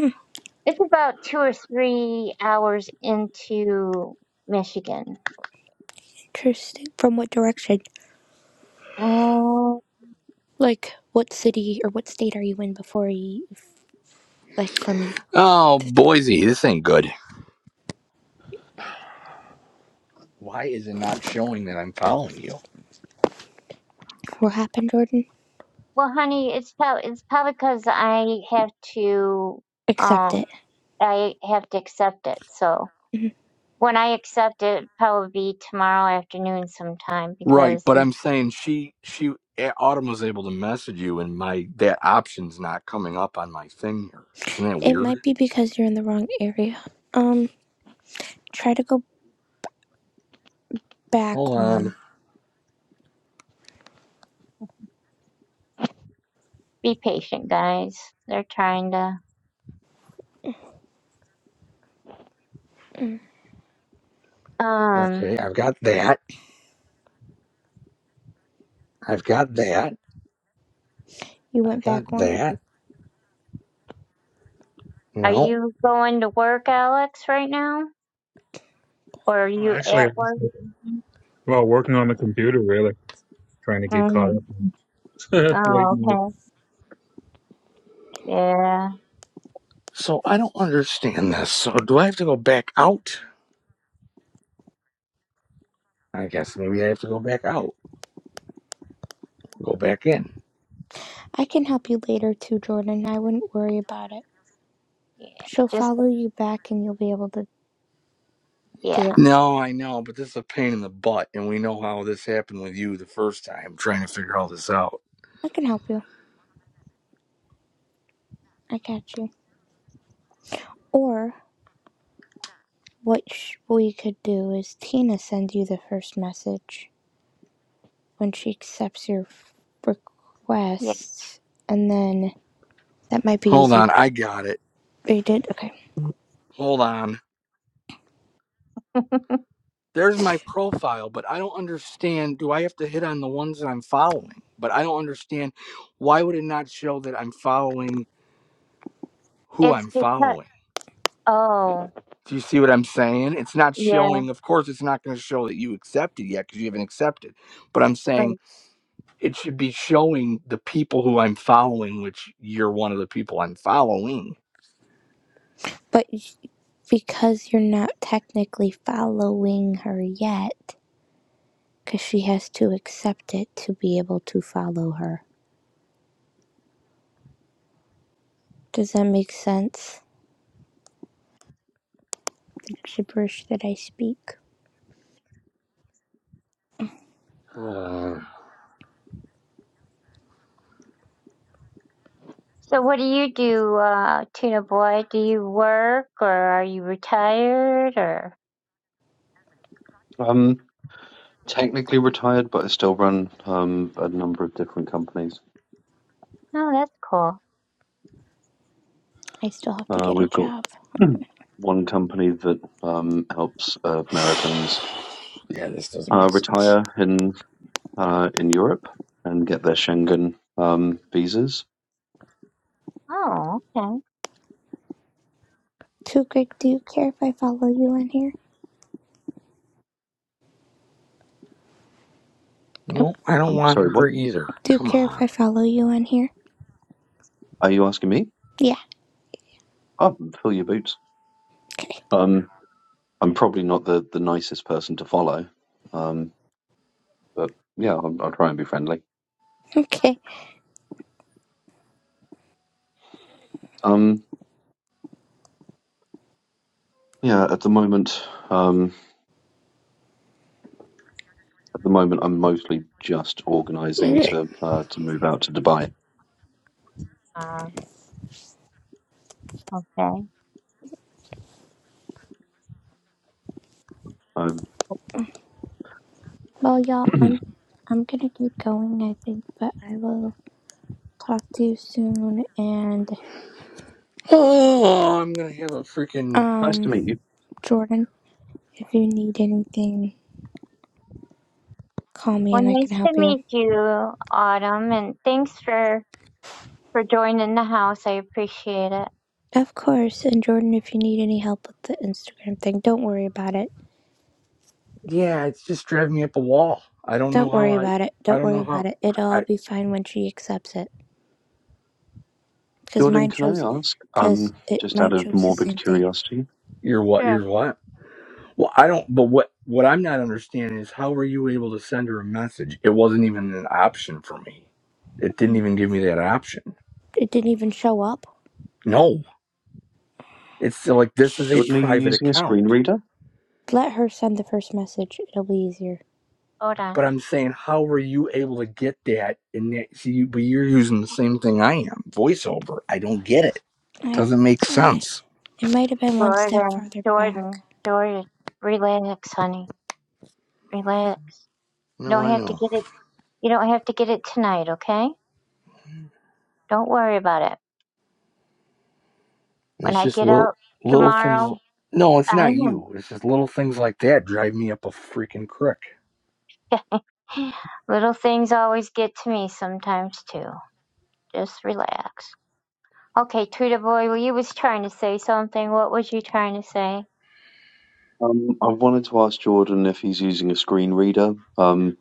S4: Hmm.
S1: It's about two or three hours into Michigan.
S4: Interesting. From what direction?
S1: Oh,
S4: Like, what city or what state are you in before you, like, from you?
S2: Oh, Boise, this ain't good. why is it not showing that I'm following you?
S4: What happened, Jordan?
S1: well, honey, it's probably it's probably because I have to
S4: Accept
S1: um
S4: it.
S1: I have to accept it, so.
S4: Mhm.
S1: When I accept it, it'll probably be tomorrow afternoon sometime
S2: Right,
S1: because
S2: but I'm saying she she eh, Autumn was able to message you, and my that option's not coming up on my thing here. Isn't that
S4: It might
S2: weird?
S4: be because you're in the wrong area. Um, try to go back
S2: Hold
S4: one.
S2: on.
S1: be patient, guys. They're trying to.
S4: Mm.
S1: Um,
S2: Okay, I've got that. I've got that.
S4: You
S2: I've
S4: went
S2: got
S4: back one?
S2: that.
S1: are
S2: No.
S1: you going to work, Alex, right now? Or are
S8: Oh,
S1: you
S8: actually,
S1: at
S8: I'm just-
S1: work?
S8: well, working on the computer, really, trying to get caught
S1: Mm.
S8: up. *laughs*
S1: Oh,
S8: waiting.
S1: okay. Yeah.
S2: So I don't understand this. So do I have to go back out? I guess maybe I have to go back out. Go back in.
S4: I can help you later too, Jordan. I wouldn't worry about it.
S1: Yeah.
S4: She'll
S1: Just,
S4: follow you back and you'll be able to
S1: yeah.
S4: do it.
S2: No, I know, but this is a pain in the butt, and we know how this happened with you the first time trying to figure all this out.
S4: I can help you. I got you. Or What we could do is Tina send you the first message when she accepts your f-
S1: Yeah.
S4: requests, and then that might be
S2: Hold
S4: easier.
S2: on, I got it.
S4: Oh, You did okay,
S2: Hold on.
S1: *laughs*
S2: There's my profile, but I don't understand. Do I have to hit on the ones that I'm following? But I don't understand why would it not show that I'm following who
S1: it's
S2: I'm
S1: because,
S2: following?
S1: oh,
S2: Do you see what I'm saying? It's not
S1: yeah.
S2: showing. Of course, it's not going to show that you accepted yet because you haven't accepted. But I'm
S1: right.
S2: saying it should be showing the people who I'm following, which you're one of the people I'm following.
S4: but because you're not technically following her yet, because she has to accept it to be able to follow her. Does that make sense? The gibberish that I speak.
S2: Hold on.
S1: So what do you do, uh, Tuna Boy? Do you work or are you retired or?
S7: Um, technically retired, but I still run um, a number of different companies.
S1: Oh, that's cool.
S4: I still have to
S7: Uh,
S4: get a
S7: we've got
S4: job.
S7: *clears throat* one company that um, helps uh,
S2: *sighs*
S7: Americans
S2: Yeah, this doesn't
S7: uh,
S2: make sense.
S7: retire in uh, in Europe and get their Schengen um, visas.
S1: Oh,
S4: Too Greg, do you care if I follow you on here? Oh,
S2: Nope, I don't
S7: I'm
S2: want
S7: sorry, what
S2: her either.
S4: do you
S2: Come
S4: care if I
S2: on.
S4: follow you on here?
S7: are you asking me?
S4: Yeah.
S7: Oh, fill your boots.
S4: Okay.
S7: Um, I'm probably not the, the nicest person to follow, um, but yeah, I'll, I'll try and be friendly.
S4: Okay.
S7: Um, yeah, at the moment, um, at the moment, I'm mostly just organising
S2: Okay.
S7: to uh, to move out to Dubai.
S1: okay. Okay.
S7: Um,
S4: Well, y'all,
S7: *clears throat*
S4: I'm I'm gonna keep going, I think, but I will talk to you soon. And
S2: Oh, I'm gonna have a freaking
S7: nice to
S4: um,
S7: meet you,
S4: Jordan, if you need anything, call me
S1: Well,
S4: and I can
S1: nice to
S4: help you.
S1: meet you, Autumn, and thanks for for joining the house. I appreciate it.
S4: Of course. And Jordan, if you need any help with the Instagram thing, don't worry about it.
S2: yeah. It's just driving me up a wall. I don't know
S4: Don't
S2: how
S4: worry
S2: I.
S4: about it.
S2: I
S4: Don't
S2: don't know
S4: worry
S2: how
S4: about it. It'll all
S2: I.
S4: be fine when she accepts it. Cause
S7: Jordan.
S4: mine
S7: Can
S4: shows,
S7: I ask,
S4: cause
S7: um,
S4: it
S7: just out
S4: mine
S7: of
S4: shows the
S7: morbid
S4: same thing.
S7: curiosity,
S2: You're what?
S1: Sure.
S2: You're what? Well, I don't. But what? What I'm not understanding is how were you able to send her a message? It wasn't even an option for me. It didn't
S4: Mm.
S2: even give me that option.
S4: It didn't even show up.
S2: No, it's still like this is a
S4: Shh.
S7: Jordan, are you
S2: private
S7: using a screen
S2: account.
S7: reader?
S4: Let her send the first message. It'll be easier.
S1: Hold on.
S2: But I'm saying, how were you able to get that? And that, see, you- but you're using the same thing I am. Voiceover. I don't get it.
S4: I,
S2: Doesn't make
S4: I
S2: sense.
S4: It might have been one step
S1: Jordan,
S4: farther back.
S1: Jordan, Jordan, relax, honey. Relax. You
S2: No,
S1: don't
S2: I
S1: have to
S2: know.
S1: get it. You don't have to get it tonight, okay? Don't worry about it.
S2: And
S1: When
S2: it's
S1: I
S2: just
S1: get
S2: little
S1: out
S2: little things.
S1: tomorrow,
S2: No, it's
S1: I
S2: not
S1: know.
S2: you. It's just little things like that drive me up a freaking crick.
S1: *sighs* Little things always get to me sometimes too. Just relax. Okay, Tweeter boy, well, you was trying to say something. What was you trying to say?
S7: Um, I wanted to ask Jordan if he's using a screen reader, um,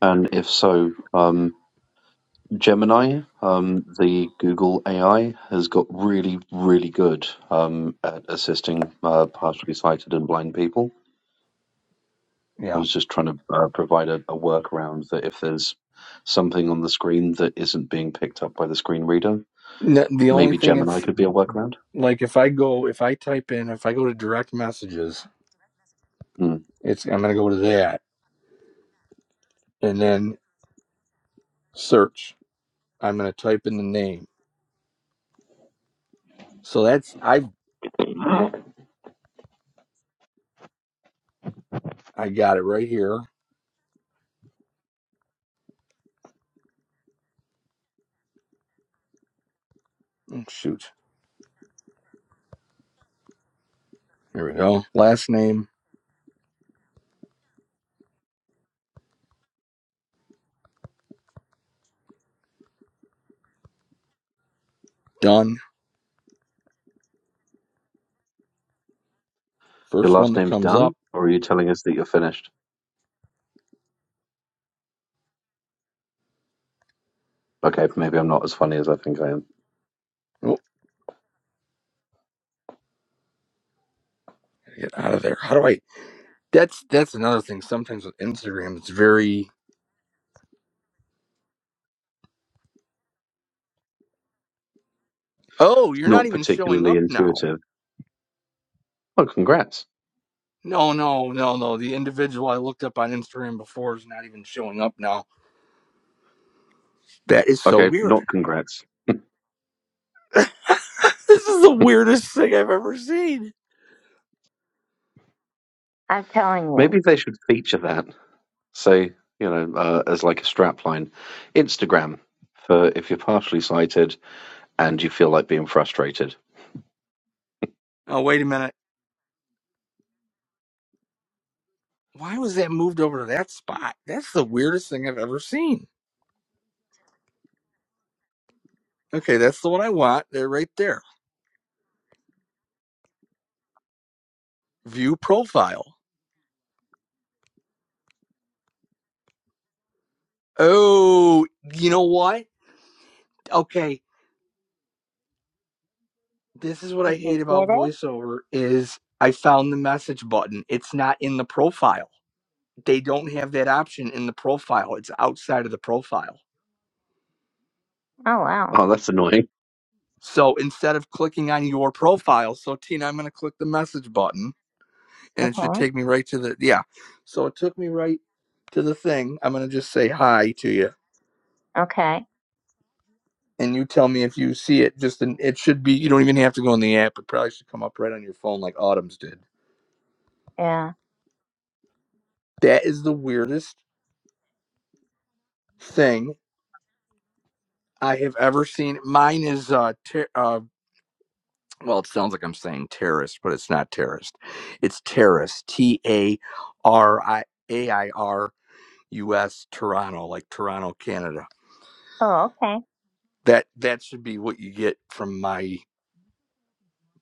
S7: and if so, um, Gemini, um, the Google AI, has got really, really good um, at assisting uh, partially sighted and blind people. I
S2: Yeah.
S7: was just trying to uh, provide a, a workaround that if there's something on the screen that isn't being picked up by the screen reader,
S2: N- The only
S7: maybe
S2: thing
S7: Gemini
S2: it's
S7: could be a workaround.
S2: like if I go if I type in if I go to direct messages,
S7: Hmm.
S2: it's I'm gonna go to that and then search. I'm gonna type in the name. So that's I I got it right here. Oh, shoot. Here we go. Last name done.
S7: Your
S2: First one
S7: last
S2: that
S7: name's
S2: comes
S7: done,
S2: up.
S7: or are you telling us that you're finished? Okay, maybe I'm not as funny as I think I am.
S2: Oh, get out of there. How do I? That's that's another thing. Sometimes with Instagram, it's very Oh, you're not
S7: Not
S2: even showing
S7: particularly
S2: up now.
S7: intuitive. Oh, congrats.
S2: No, no, no, no. The individual I looked up on Instagram before is not even showing up now. That is so
S7: Okay,
S2: weird.
S7: not congrats.
S2: *laughs* this is the weirdest thing I've ever seen.
S1: I'm telling you.
S7: Maybe they should feature that, say, you know, uh, as like a strapline. Instagram for if you're partially sighted and you feel like being frustrated.
S2: Oh, wait a minute. Why was that moved over to that spot? That's the weirdest thing I've ever seen. Okay, that's the one I want. They're right there. View profile. Oh, you know what? Okay, this is what I hate
S1: did
S2: about
S1: it?
S2: voiceover is I found the message button. It's not in the profile. they don't have that option in the profile. It's outside of the profile.
S1: Oh wow.
S7: Oh, that's annoying.
S2: So instead of clicking on your profile, so Tina, I'm going to click the message button and it should
S1: Okay.
S2: take me right to the, yeah. So it took me right to the thing. I'm going to just say hi to you
S1: Okay.
S2: and you tell me if you see it. Just, in, it should be, you don't even have to go in the app. It probably should come up right on your phone like Autumn's did.
S1: Yeah.
S2: That is the weirdest thing I have ever seen. Mine is uh, ter- uh well, it sounds like I'm saying terrorist, but it's not terrorist. It's terrorist. T A R I A I R U S Toronto, like Toronto, Canada.
S1: Oh, okay.
S2: That that should be what you get from my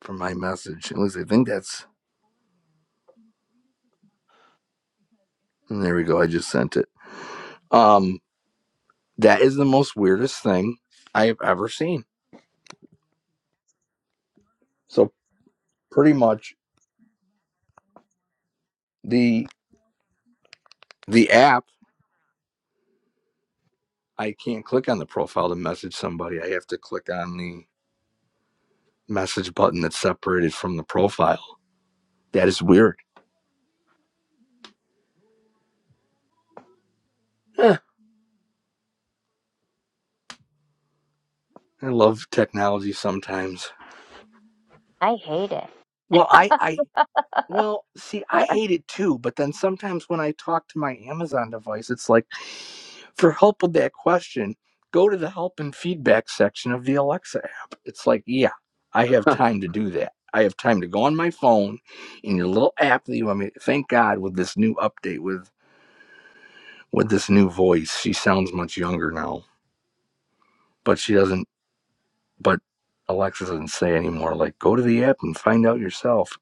S2: from my message. At least I think that's and there we go. I just sent it. Um that is the most weirdest thing I have ever seen. So pretty much the the app, I can't click on the profile to message somebody. I have to click on the message button that's separated from the profile. That is weird. Eh, I love technology sometimes.
S1: I hate it.
S2: Well, I, I, well, see, I hate it too. But then sometimes when I talk to my Amazon device, it's like, for help with that question, go to the help and feedback section of the Alexa app. It's like, yeah, I have
S7: *laughs*
S2: time to do that. I have time to go on my phone in your little app that you want me. Thank God with this new update with with this new voice, she sounds much younger now. But she doesn't. But Alexa doesn't say anymore. Like, go to the app and find out yourself.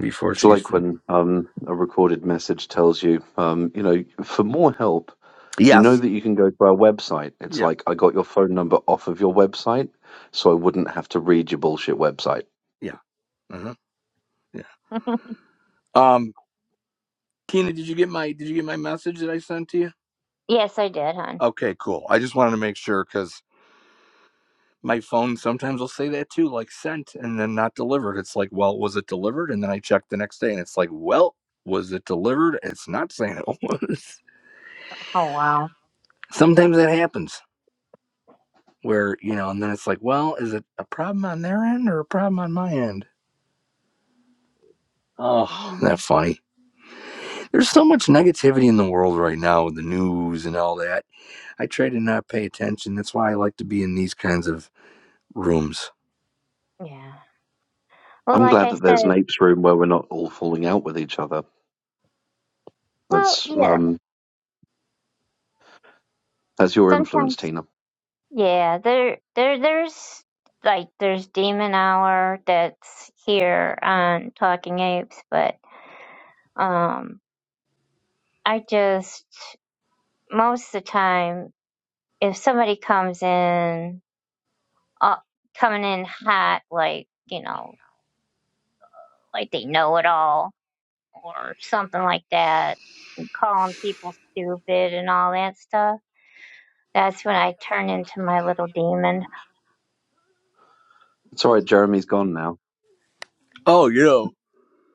S2: before
S7: It's
S2: she's
S7: like when um, a recorded message tells you, um, you know, for more help, You know
S2: yes
S7: that you can go to our website. It's
S2: yeah
S7: like I got your phone number off of your website, so I wouldn't have to read your bullshit website.
S2: yeah uh-huh. yeah
S1: *laughs*
S2: um Tina did you get my did you get my message that I sent to you
S1: yes, I did, hon.
S2: okay cool I just wanted to make sure because my phone sometimes will say that too like sent and then not delivered it's like well was it delivered and then I checked the next day and it's like well was it delivered it's not saying it was
S1: Oh wow.
S2: *laughs* sometimes that happens where you know and then it's like well is it a problem on their end or a problem on my end oh isn't that
S1: And-
S2: funny there's so much negativity in the world right now with the news and all that I try to not pay attention. That's why I like to be in these kinds of rooms.
S1: Yeah. Well,
S7: I'm
S1: like
S7: glad
S1: I
S7: that there's an
S1: said,
S7: apes room where we're not all falling out with each other.
S1: well,
S7: That's
S1: yeah.
S7: um that's your influence,
S1: Sometimes,
S7: Tina.
S1: yeah. There, there, there's like there's demon hour that's here on Talking Apes, but um, I just most of the time if somebody comes in, uh, coming in hot, like you know. like they know it all or something like that, and calling people stupid and all that stuff. That's when I turn into my little demon.
S7: It's all right, Jeremy's gone now.
S2: Oh, you know,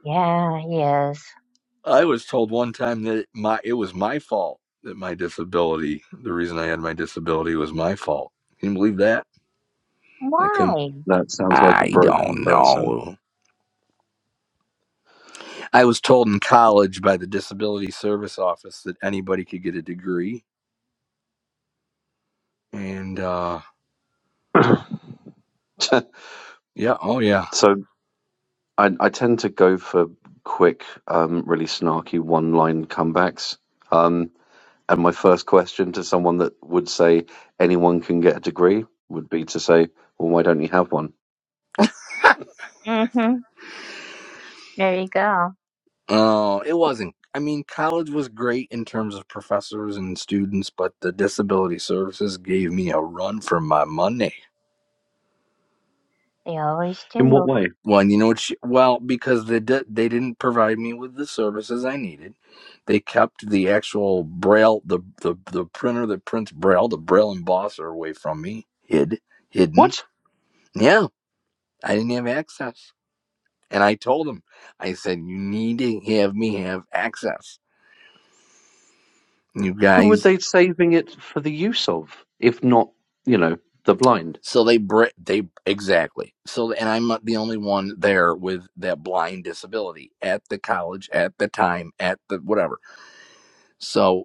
S1: Yeah, he is.
S2: I was told one time that my it was my fault that my disability, the reason I had my disability was my fault. Can you believe that? I couldn't
S1: Why?
S7: That sounds like a
S2: I
S7: broken
S2: don't
S7: person.
S2: know. I was told in college by the disability service office that anybody could get a degree and uh
S7: *coughs* *laughs*
S2: yeah, oh yeah.
S7: so I, I tend to go for quick, um, really snarky one-line comebacks. Um, and my first question to someone that would say anyone can get a degree would be to say, "Well, why don't you have one?"
S1: Mm-hmm. There you go.
S2: Oh, it wasn't. I mean, college was great in terms of professors and students, but the disability services gave me a run for my money.
S1: They always
S7: In what
S1: do.
S7: way?
S2: Well, and you know what? She, well, because they di- they didn't provide me with the services I needed, they kept the actual braille the the, the printer that prints braille, the braille embosser, away from me, hid hidden.
S7: What?
S2: Yeah, I didn't have access, and I told them, I said, you need to have me have access. You
S7: Who
S2: guys
S7: would they saving it for the use of, if not, you know, the blind?
S2: So they br- they exactly. So and I'm not the only one there with that blind disability at the college at the time at the whatever. So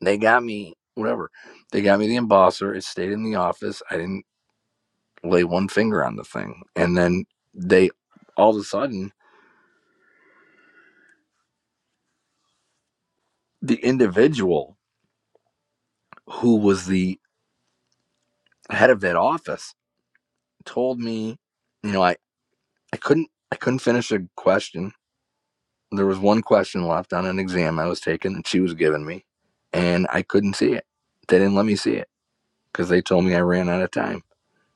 S2: they got me whatever. They got me the embosser. It stayed in the office. I didn't lay one finger on the thing. And then they all of a sudden the individual who was the head of that office told me, you know, I I couldn't I couldn't finish a question there was one question left on an exam I was taking and she was giving me, and I couldn't see it. They didn't let me see it because they told me I ran out of time.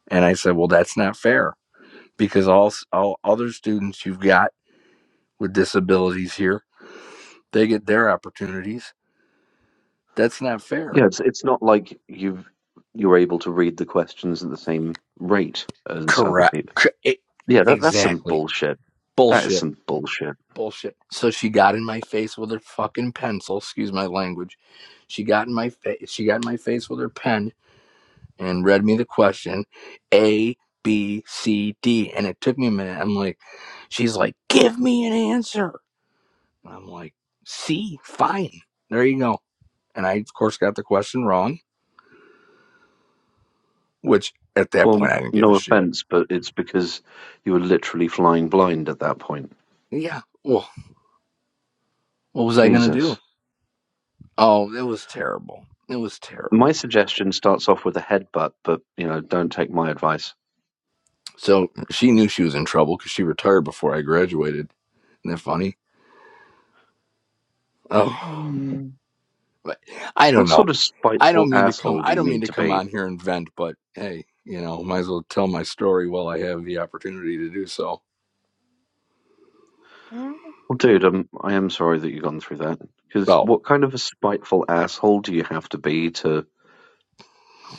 S2: And I said, well, that's not fair because all, all other students you've got with disabilities here, they get their opportunities. That's not fair.
S7: Yeah, it's it's not like you've you're able to read the questions at the same rate as other
S2: Correct.
S7: people.
S2: e-
S7: Yeah, that that's some
S2: Exactly.
S7: bullshit. That is
S2: Bullshit.
S7: some bullshit.
S2: Bullshit. So she got in my face with her fucking pencil. Excuse my language. She got in my face. She got in my face with her pen and read me the question A, B, C, D. And it took me a minute. I'm like, she's like, give me an answer. And I'm like, C, fine. There you go. And I, of course, got the question wrong, which at that
S7: Well,
S2: point I didn't give a
S7: no
S2: shit.
S7: offense, but it's because you were literally flying blind at that point.
S2: Yeah. Well, what was I going to do?
S7: Jesus.
S2: Oh, it was terrible. It was
S7: My
S2: terrible.
S7: suggestion starts off with a headbutt, but, you know, don't take my advice.
S2: So she knew she was in trouble because she retired before I graduated. Isn't that funny? Oh.
S1: Mm.
S2: but I
S7: What
S2: don't
S7: sort
S2: know.
S7: of
S2: I
S7: spiteful
S2: don't mean to come.
S7: asshole do
S2: I
S7: you
S2: don't mean
S7: need
S2: to
S7: to
S2: come
S7: be?
S2: on here and vent, but hey, you know, might as well tell my story while I have the opportunity to do so.
S1: Yeah.
S7: Well, dude, I'm, I am sorry that you've gone through that. Because
S2: So,
S7: what kind of a spiteful asshole do you have to be to,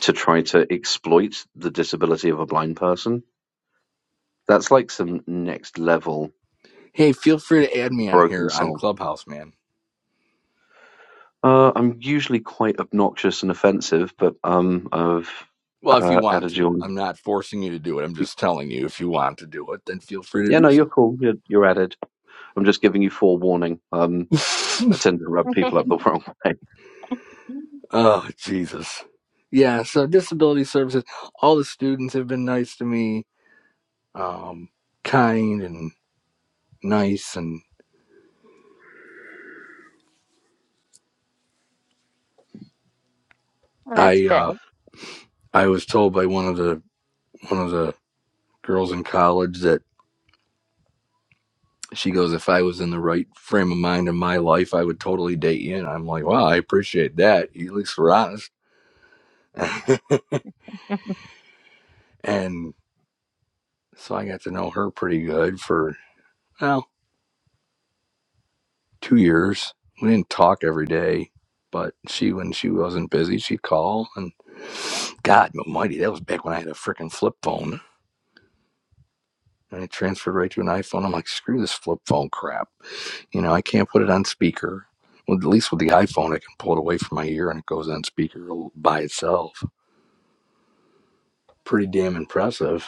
S7: to try to exploit the disability of a blind person? That's like some next level
S2: hey, feel free to add me on
S7: broken
S2: here on
S7: soul.
S2: Clubhouse, man.
S7: Uh, I'm usually quite obnoxious and offensive, but um, I've
S2: Well, if you
S7: uh,
S2: want
S7: added you
S2: to,
S7: on.
S2: I'm not forcing you to do it. I'm just telling you if you want to do it, then feel free to
S7: Yeah, no,
S2: do so.
S7: you're cool. You're, you're added. I'm just giving you forewarning. Um,
S2: *laughs*
S7: I tend to rub
S1: *laughs*
S7: people up the *laughs* wrong way.
S1: well,
S2: oh, Jesus. Yeah, so disability services, all the students have been nice to me, um, kind and nice. And
S1: that's
S2: I,
S1: good.
S2: uh, I was told by one of the one of the girls in college that she goes, if I was in the right frame of mind in my life, I would totally date you. And I'm like, wow, I appreciate that. At least we're honest.
S1: *laughs*
S2: *laughs* and so I got to know her pretty good for well two years. We didn't talk every day, but she when she wasn't busy, she'd call. And God, Almighty, that was back when I had a freaking flip phone. And I transferred right to an iPhone. I'm like, screw this flip phone crap. You know, I can't put it on speaker. Well, at least with the iPhone, I can pull it away from my ear and it goes on speaker by itself. Pretty damn impressive.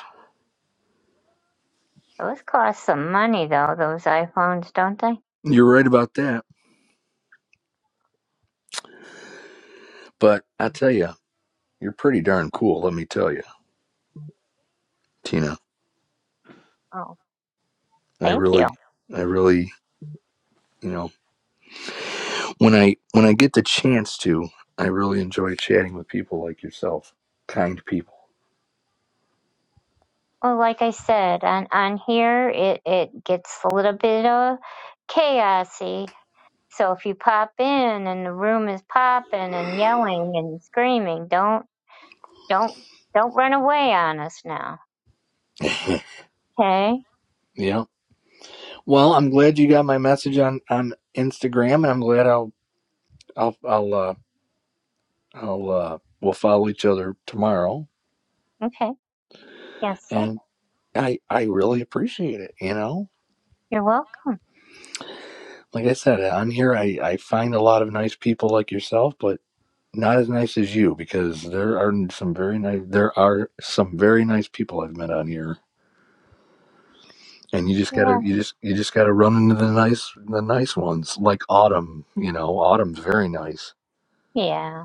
S1: Those cost some money, though, those iPhones, don't they?
S2: You're right about that. But I tell you, you're pretty darn cool. Let me tell you, Tina.
S1: Oh,
S2: I
S1: thank you.
S2: really, I really, you know, when I when I get the chance to, I really enjoy chatting with people like yourself, kind people.
S1: Well, like I said, on, on here, it, it gets a little bit of chaosy So if you pop in and the room is popping and yelling and screaming, don't don't don't run away on us now. Okay?
S2: Yeah. Well, I'm glad you got my message on on Instagram, and I'm glad I'll I'll I'll uh, I'll uh, we'll follow each other tomorrow
S1: Okay. Yes, sir.
S2: and I I really appreciate it. You know,
S1: You're welcome.
S2: like I said, on here I I find a lot of nice people like yourself, but not as nice as you because there are some very nice there are some very nice people I've met on here, and you just gotta
S1: Yeah.
S2: you just you just gotta run into the nice the nice ones like Autumn. You know, Autumn's very nice.
S1: Yeah.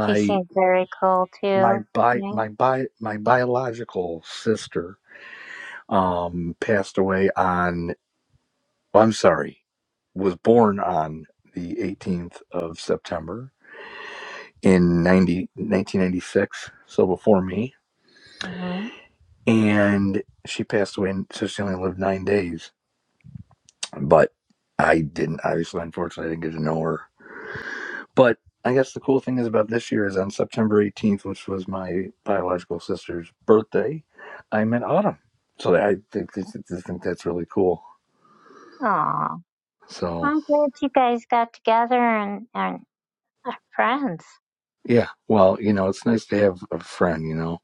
S1: She seems very cool
S2: my
S1: too.
S2: bi
S1: Yeah.
S2: my bi my biological sister um passed away on. well, I'm sorry, was born on the 18th of September in 90, 1996, so before me.
S1: Mhm.
S2: And she passed away, and so she only lived nine days. But I didn't, obviously, unfortunately, I didn't get to know her. But I guess the cool thing is about this year is on September 18th, which was my biological sister's birthday, I met Autumn. So I think, I think that's really cool.
S1: Aw.
S2: So,
S1: I'm glad you guys got together and, and are friends.
S2: yeah, well, you know, it's nice to have a friend, you know.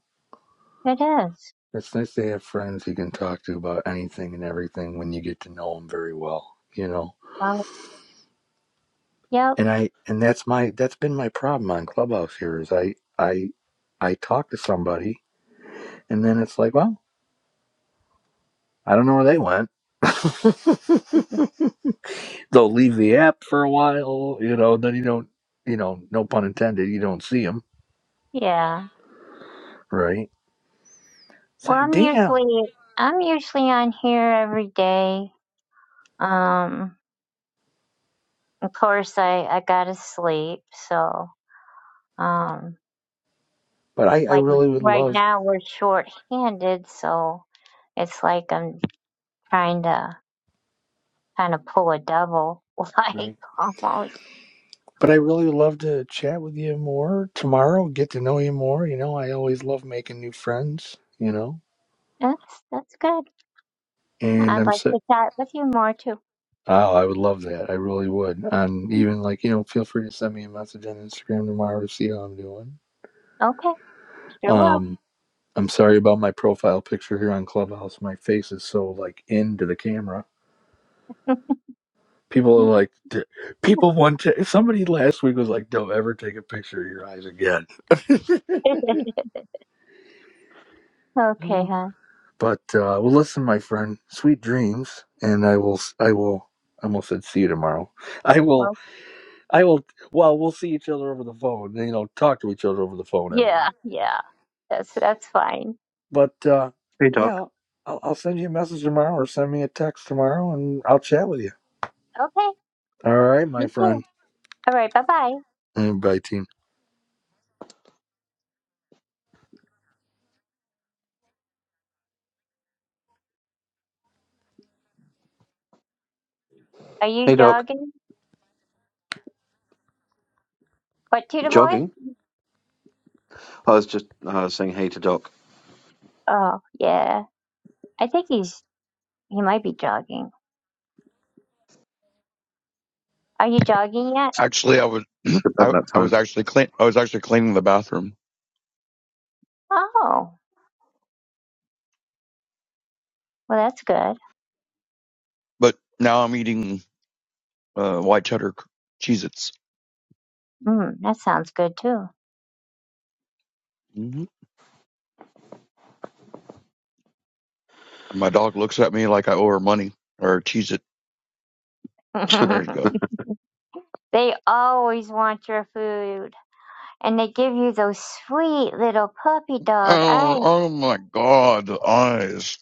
S1: It is.
S2: It's nice to have friends you can talk to about anything and everything when you get to know them very well, you know.
S1: Well, yep.
S2: And I and that's my that's been my problem on Clubhouse here is I I I talk to somebody and then it's like, well, I don't know where they went. *laughs* They'll leave the app for a while, you know. Then you don't, you know, no pun intended, you don't see them,
S1: Yeah.
S2: right? It's
S1: Well,
S2: like,
S1: I'm
S2: damn.
S1: usually I'm usually on here every day. Um, of course I I gotta sleep, so um
S2: But I I
S1: like
S2: really would
S1: right
S2: love,
S1: now we're short-handed, so it's like I'm trying to kind of pull a double, *laughs*
S2: right?
S1: like almost.
S2: But I really love to chat with you more tomorrow, get to know you more. You know, I always love making new friends, you know,
S1: That's that's good.
S2: and
S1: I'd
S2: I'm
S1: like
S2: so.
S1: to chat with you more too.
S2: Oh, I would love that. I really would. And even like, you know, feel free to send me a message on Instagram tomorrow to see how I'm doing.
S1: Okay, sure will.
S2: Um, I'm sorry about my profile picture here on Clubhouse. My face is so like into the camera.
S1: *laughs*
S2: People are like, "D- people want to. Somebody last week was like, don't ever take a picture of your eyes again. *laughs* I'm
S1: okay, huh?
S2: But uh, well, listen, my friend, sweet dreams, and I will, I will, I almost said see you tomorrow. *laughs* I will,
S1: Well,
S2: I will. Well, we'll see each other over the phone. You know, talk to each other over the phone. I mean,
S1: yeah, yeah. That's that's fine.
S2: but uh,
S7: Hey, Doc.
S2: yeah, I'll, I'll send you a message tomorrow, or send me a text tomorrow, and I'll chat with you.
S1: Okay, thank
S2: All right, my
S1: you too.
S2: friend.
S1: All right, bye bye.
S2: And bye, team.
S1: Are you
S7: Hey, Doc.
S1: jogging? What, Tudor boy?
S7: Jogging? I was just uh, saying hey to Doc
S1: Oh, yeah. I think he's He might be jogging. Are you jogging yet?
S3: Actually, I was,
S7: about
S3: I,
S7: that
S3: I was
S7: time.
S3: actually clean. I was actually cleaning the bathroom,
S1: Oh, well, that's good.
S3: but now I'm eating uh, white cheddar c- Cheez-Its.
S1: Mm, that sounds good too.
S3: hmm My dog looks at me like I owe her money or Cheez-It.
S1: *laughs*
S7: *laughs*
S3: There you go.
S1: they always want your food, and they give you those sweet little puppy dog
S3: Oh,
S1: eyes.
S3: oh my God, the eyes.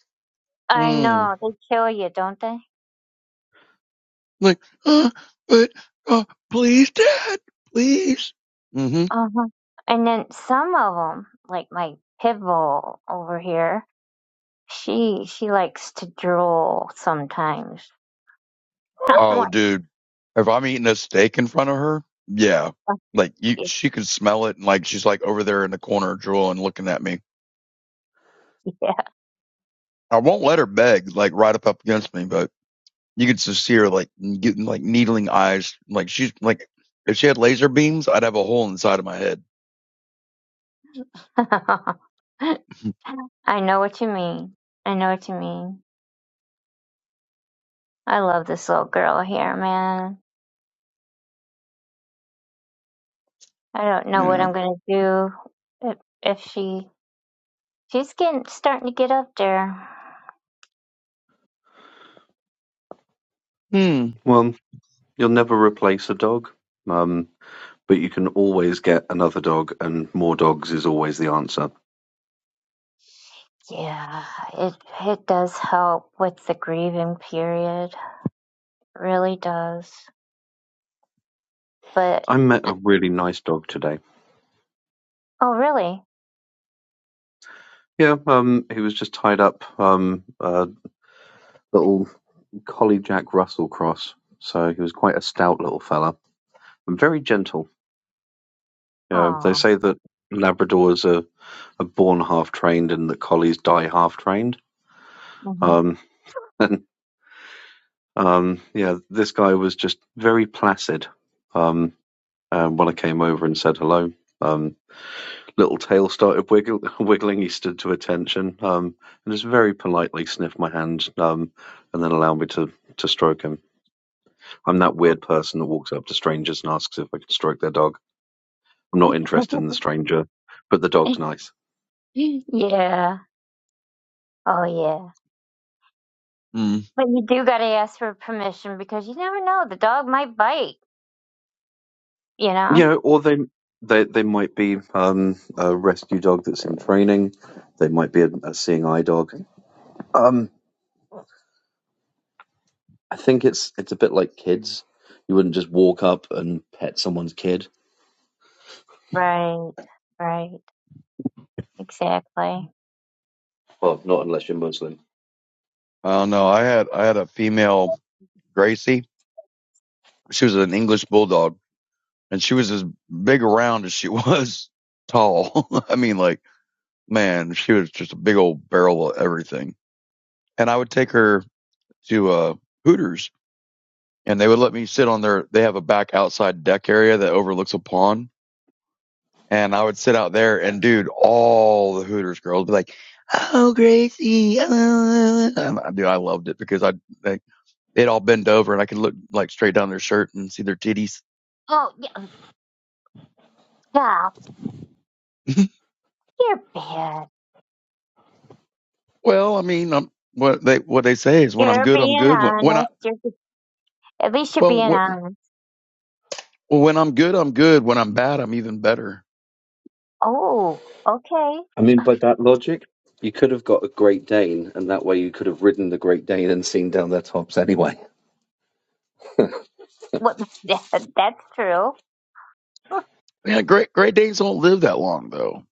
S1: I
S3: Mm.
S1: know they kill you, don't they?
S3: Like, uh, but uh, please, Dad, please. hmm
S1: Uh huh. And then some of them, like my pit bull over here, she she likes to drool sometimes. *laughs* I'm
S3: Oh,
S1: like,
S3: dude, if I'm eating a steak in front of her, yeah,
S1: "Fuck
S3: like you, she could smell it, and like she's like over there in the corner drooling, looking at me.
S1: you."
S3: I won't let her beg, like right up up against me, but you could just see her like getting like needling eyes, like she's like if she had laser beams, I'd have a hole inside of my head. *laughs*
S1: *laughs* I know what you mean. I know what you mean. I love this little girl here, man. I don't know what
S3: Yeah.
S1: I'm gonna do if, if she she's getting starting to get up there.
S3: Hmm.
S7: well, you'll never replace a dog. Um, but you can always get another dog and more dogs is always the answer.
S1: Yeah, it it does help with the grieving period. It really does. But
S7: I met a really nice dog today.
S1: oh, really?
S7: Yeah, um, he was just tied up, um, a little collie Jack Russell cross. So he was quite a stout little fella and very gentle. You know, they
S1: Oh.
S7: say that Labradors are, are born half trained and that collies die half trained.
S1: hmm
S7: Um, *laughs* and um, yeah, this guy was just very placid um, uh, when I came over and said hello. Um, little tail started wiggle, *laughs* wiggling. He stood to attention um, and just very politely sniffed my hand um, and then allowed me to, to stroke him. I'm that weird person that walks up to strangers and asks if I can stroke their dog. I'm not interested in the stranger, but the dog's
S1: *laughs*
S7: nice.
S1: yeah. Oh, yeah.
S3: Hmm.
S1: But you do gotta ask for permission because you never know. The dog might bite. You know.
S7: You know, or they they they might be um, a rescue dog that's in training. They might be a, a seeing eye dog. Um, I think it's it's a bit like kids. You wouldn't just walk up and pet someone's kid.
S1: Right, right, exactly.
S7: Well, not unless you're Muslim.
S3: I don't know. I had I had a female Gracie. She was an English bulldog, and she was as big around as she was tall. *laughs* I mean, like. man, she was just a big old barrel of everything. And I would take her to uh, Hooters, and they would let me sit on their. They have a back outside deck area that overlooks a pond, and I would sit out there. And dude, all the Hooters girls would be like, "Oh, Gracie," uh, uh, uh, uh." and I, dude, I loved it because I they, they'd all bend over, and I could look like straight down their shirt and see their titties.
S1: Oh, yeah, yeah,
S3: *laughs*
S1: you're bad.
S3: well, I mean, i what they what they say is when I'm
S1: You're
S3: good, I'm
S1: being
S3: good. When, when I
S1: honest. You're be- at least you're
S3: well,
S1: being
S3: what,
S1: honest.
S3: well, when I'm good, I'm good. When I'm bad, I'm even better.
S1: Oh, okay.
S7: I mean, by that logic, you could have got a Great Dane, and that way you could have ridden the Great Dane and seen down their tops anyway.
S1: What? *laughs* That, that's true. *laughs* Do
S3: Yeah, great Great Danes don't live that long though.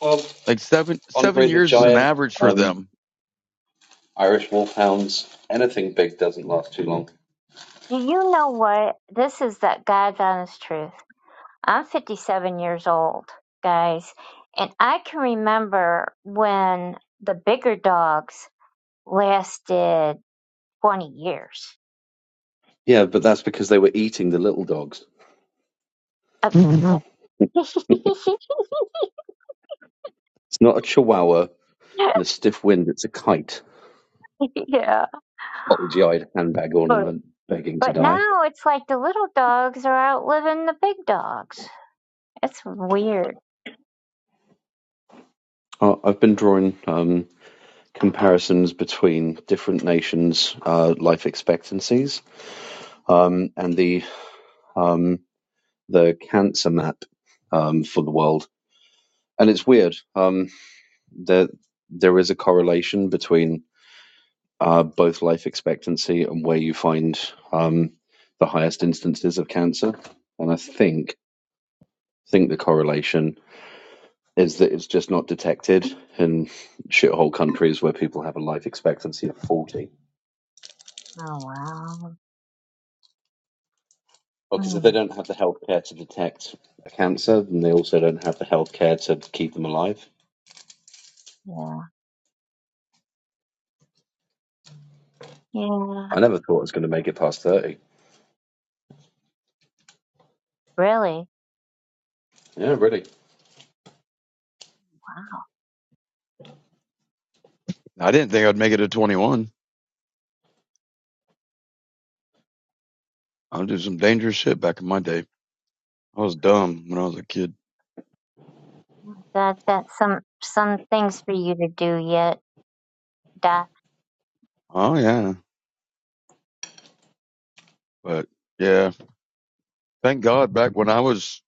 S7: Well,
S3: Like seven seven
S7: Andre the
S3: years is an
S7: Giant,
S3: average for
S7: um,
S3: them.
S7: Irish Wolfhounds, anything big doesn't last too long.
S1: you know what? This is the God's honest truth. I'm 57 years old, guys, and I can remember when the bigger dogs lasted 20 years.
S7: Yeah, but that's because they were eating the little dogs.
S1: Uh,
S3: *laughs* I
S1: *laughs*
S7: It's not a chihuahua in a stiff wind, it's a kite.
S1: yeah.
S7: Bulgy eyed handbag
S1: But
S7: ornament begging to
S1: but
S7: die.
S1: now it's like the little dogs are outliving the big dogs. It's weird.
S7: Uh, I've been drawing um, comparisons between different nations' uh, life expectancies um, and the. Um, the cancer map um, for the world, and it's weird. Um, there there is a correlation between uh, both life expectancy and where you find um, the highest instances of cancer, and I think think the correlation is that it's just not detected in shithole countries where people have a life expectancy of forty.
S1: Oh wow.
S7: Because if they
S1: Mm,
S7: don't have the healthcare to detect a cancer, then they also don't have the healthcare to keep them alive.
S1: yeah. Yeah.
S7: I never thought I was going to make it past thirty.
S1: Really?
S7: Yeah, really.
S1: Wow.
S3: didn't think I'd make it to twenty one. I did some dangerous shit back in my day. I was dumb when I was a kid.
S1: That that's some some things for you to do yet. That
S3: Oh yeah, but yeah, thank God. Back when I was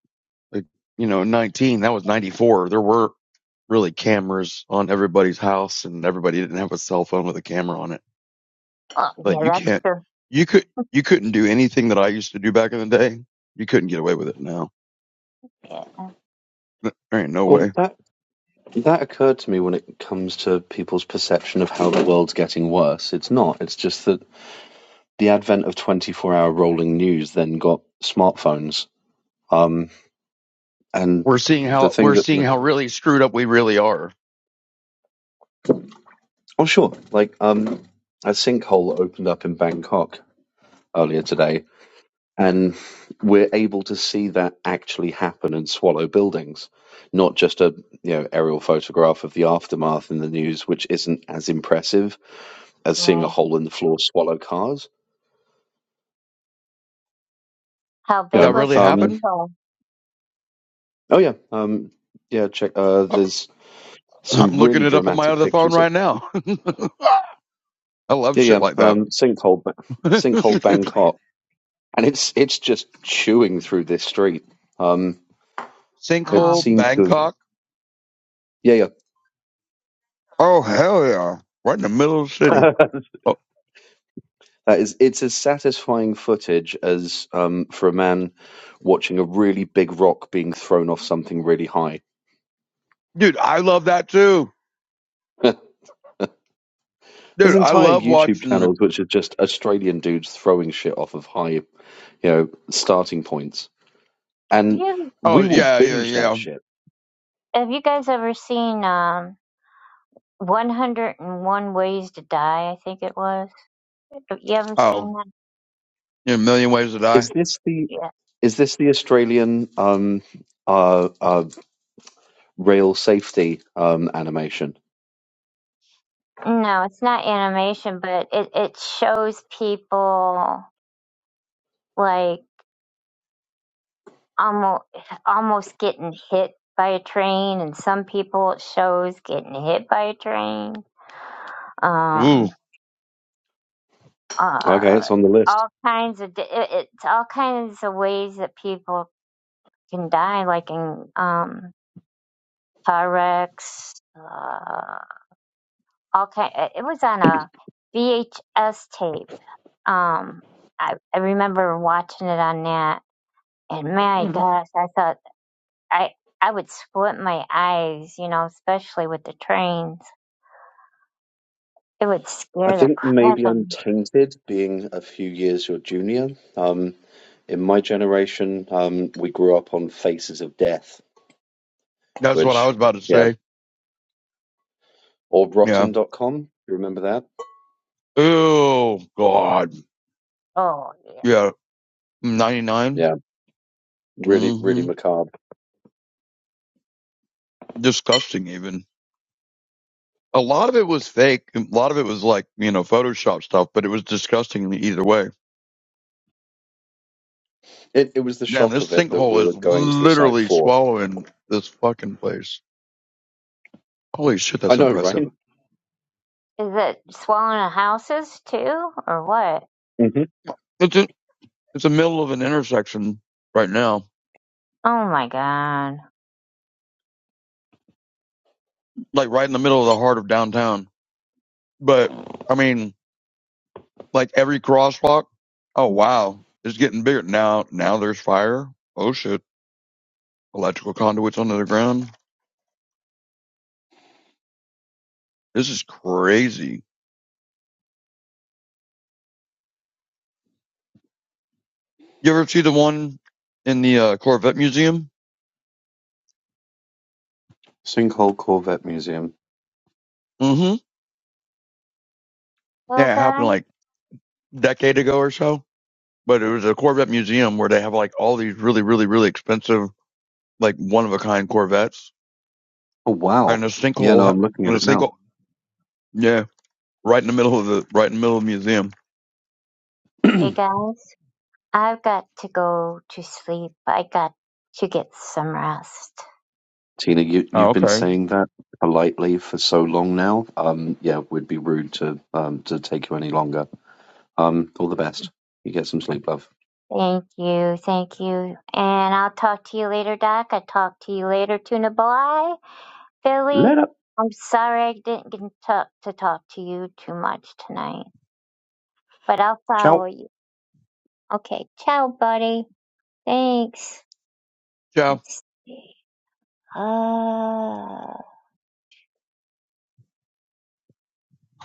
S3: like you know nineteen, that was ninety four. There were really cameras on everybody's house, and everybody didn't have a cell phone with a camera on it.
S1: oh
S3: Like
S1: yeah,
S3: you
S1: that's
S3: can't,
S1: true.
S3: you could, you couldn't do anything that I used to do back in the day. You couldn't get away with it now.
S1: Yeah.
S3: There ain't no way.
S7: Well, that that occurred to me when it comes to people's perception of how the world's getting worse. It's not. It's just that the advent of 24-hour rolling news then got smartphones. Um, and
S3: We're seeing
S7: the
S3: how
S7: thing
S3: we're
S7: that,
S3: seeing how really screwed up we really are.
S7: oh sure, like um, a sinkhole opened up in Bangkok earlier today, and we're able to see that actually happen and swallow buildings, not just a you know aerial photograph of the aftermath in the news, which isn't as impressive as seeing a
S1: Right.
S7: hole in the floor swallow cars.
S1: How
S7: You
S3: That
S1: big
S7: know,
S1: was
S3: really
S1: the
S7: um,
S3: happened?
S1: sinkhole?
S7: oh yeah, um, yeah. Check. Uh,
S3: Oh,
S7: there's
S3: *laughs*
S7: some
S3: I'm looking
S7: really
S3: it up on my
S7: dramatic
S3: other phone
S7: pictures. Of,
S3: right now. *laughs* I love
S7: yeah, yeah.
S3: shit like that.
S7: Um, sinkhole, Ba- sinkhole
S3: *laughs*
S7: Bangkok, and it's it's just chewing through this street. Um, it
S1: Oh.
S3: Sinkhole,
S7: seems to. have-
S3: Bangkok.
S7: Yeah, yeah.
S3: Oh hell yeah. Right in the middle of the
S7: *laughs*
S3: city.
S7: that
S3: Oh,
S7: is, it's as satisfying footage as um, for a man watching a really big rock being thrown off something really high.
S3: dude, I love that too.
S7: *laughs* There's
S3: Dude, I
S7: entire
S3: love
S7: YouTube
S3: watching
S7: channels which are just Australian dudes throwing shit off of high you know, starting points.
S1: Have
S7: And
S1: you
S3: Oh
S7: we will
S3: yeah, yeah,
S7: binge that
S3: yeah.
S7: shit.
S1: have you guys ever seen um 101 Ways to Die, I think it was. Have you ever
S3: Oh,
S1: seen that?
S3: yeah, a million ways to
S7: Is
S3: die.
S7: this the
S1: Yeah.
S7: is this the Australian um uh, uh rail safety um animation?
S1: No, it's not animation, but it, it shows people like almost almost getting hit by a train, and some people it shows getting hit by a train.
S3: Ooh.
S1: Um,
S7: Okay,
S1: uh,
S7: it's on the list.
S1: all kinds of di- it, it's all kinds of ways that people can die, like in um car wrecks. Uh, all kind. It it was on a VHS tape. Um, I I remember watching it on that And my
S7: hmm
S1: gosh, I thought I I would squint my eyes, you know, especially with the trains. It would
S7: I
S1: scare the
S7: think
S1: crap
S7: maybe
S1: out of
S7: I'm
S1: me.
S7: tainted being a few years your junior. Um, in my generation, um, we grew up on Faces of Death,
S3: That's what I
S7: which,
S3: was about to
S7: yeah,
S3: say.
S7: or
S3: Yeah.
S7: Rotten. dot Com. You remember that?
S3: Oh God.
S1: Oh yeah.
S3: Yeah. Ninety nine.
S7: Yeah, really, really
S3: Mm-hmm.
S7: macabre.
S3: Disgusting even. A lot of it was fake. A lot of it was like, you know, Photoshop stuff, but it was disgusting either way.
S7: It, it was the
S3: Damn,
S7: shock
S3: this
S7: of it that we
S3: sinkhole
S7: were
S3: is
S7: going to the site
S3: literally
S7: for.
S3: swallowing this fucking place. Holy shit,
S7: I
S3: that's
S7: know,
S3: impressive.
S7: right?
S1: Is it swallowing the houses too, or what?
S7: hmm
S3: It's in, it's the middle of an intersection right now,
S1: Oh my god.
S3: like right in the middle of the heart of downtown. But I mean, like every crosswalk, oh wow, it's getting bigger now. Now there's fire. Oh shit, electrical conduits under the ground. This is crazy. You ever see the one in the uh, Corvette Museum?
S7: Sinkhole Corvette Museum.
S3: hmm
S1: Well
S3: Yeah, it happened
S1: guys,
S3: like decade ago or so. But it was a Corvette museum where they have like all these really, really, really expensive, like one of a kind Corvettes,
S7: Oh,
S3: and
S7: wow.
S3: a
S7: Yeah,
S3: sinkhole,
S7: no,
S3: ha-
S7: I'm looking
S3: and
S7: at
S3: a
S7: it now.
S3: sinkhole, yeah, right in the middle of the right in the middle of the museum.
S7: *clears throat*
S1: hey
S7: Tina,
S1: guys, I've got to go to sleep. I got to get some rest.
S7: you,
S3: Oh,
S7: you've been
S3: okay.
S7: saying that politely for so long now. Um, yeah, it would be rude to um, to take you any longer. Um, all the best. You get some sleep, love.
S1: Thank you, thank you. And I'll talk to you later, Doc. I talk to you later, Tuna Boy. Billy,
S7: Let up.
S1: I'm sorry I didn't get to, to talk to you too much tonight, but I'll follow
S7: Ciao.
S1: you. Okay, ciao, buddy. Thanks.
S3: Yeah,
S1: Let's see. Uh,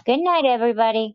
S1: good night, everybody.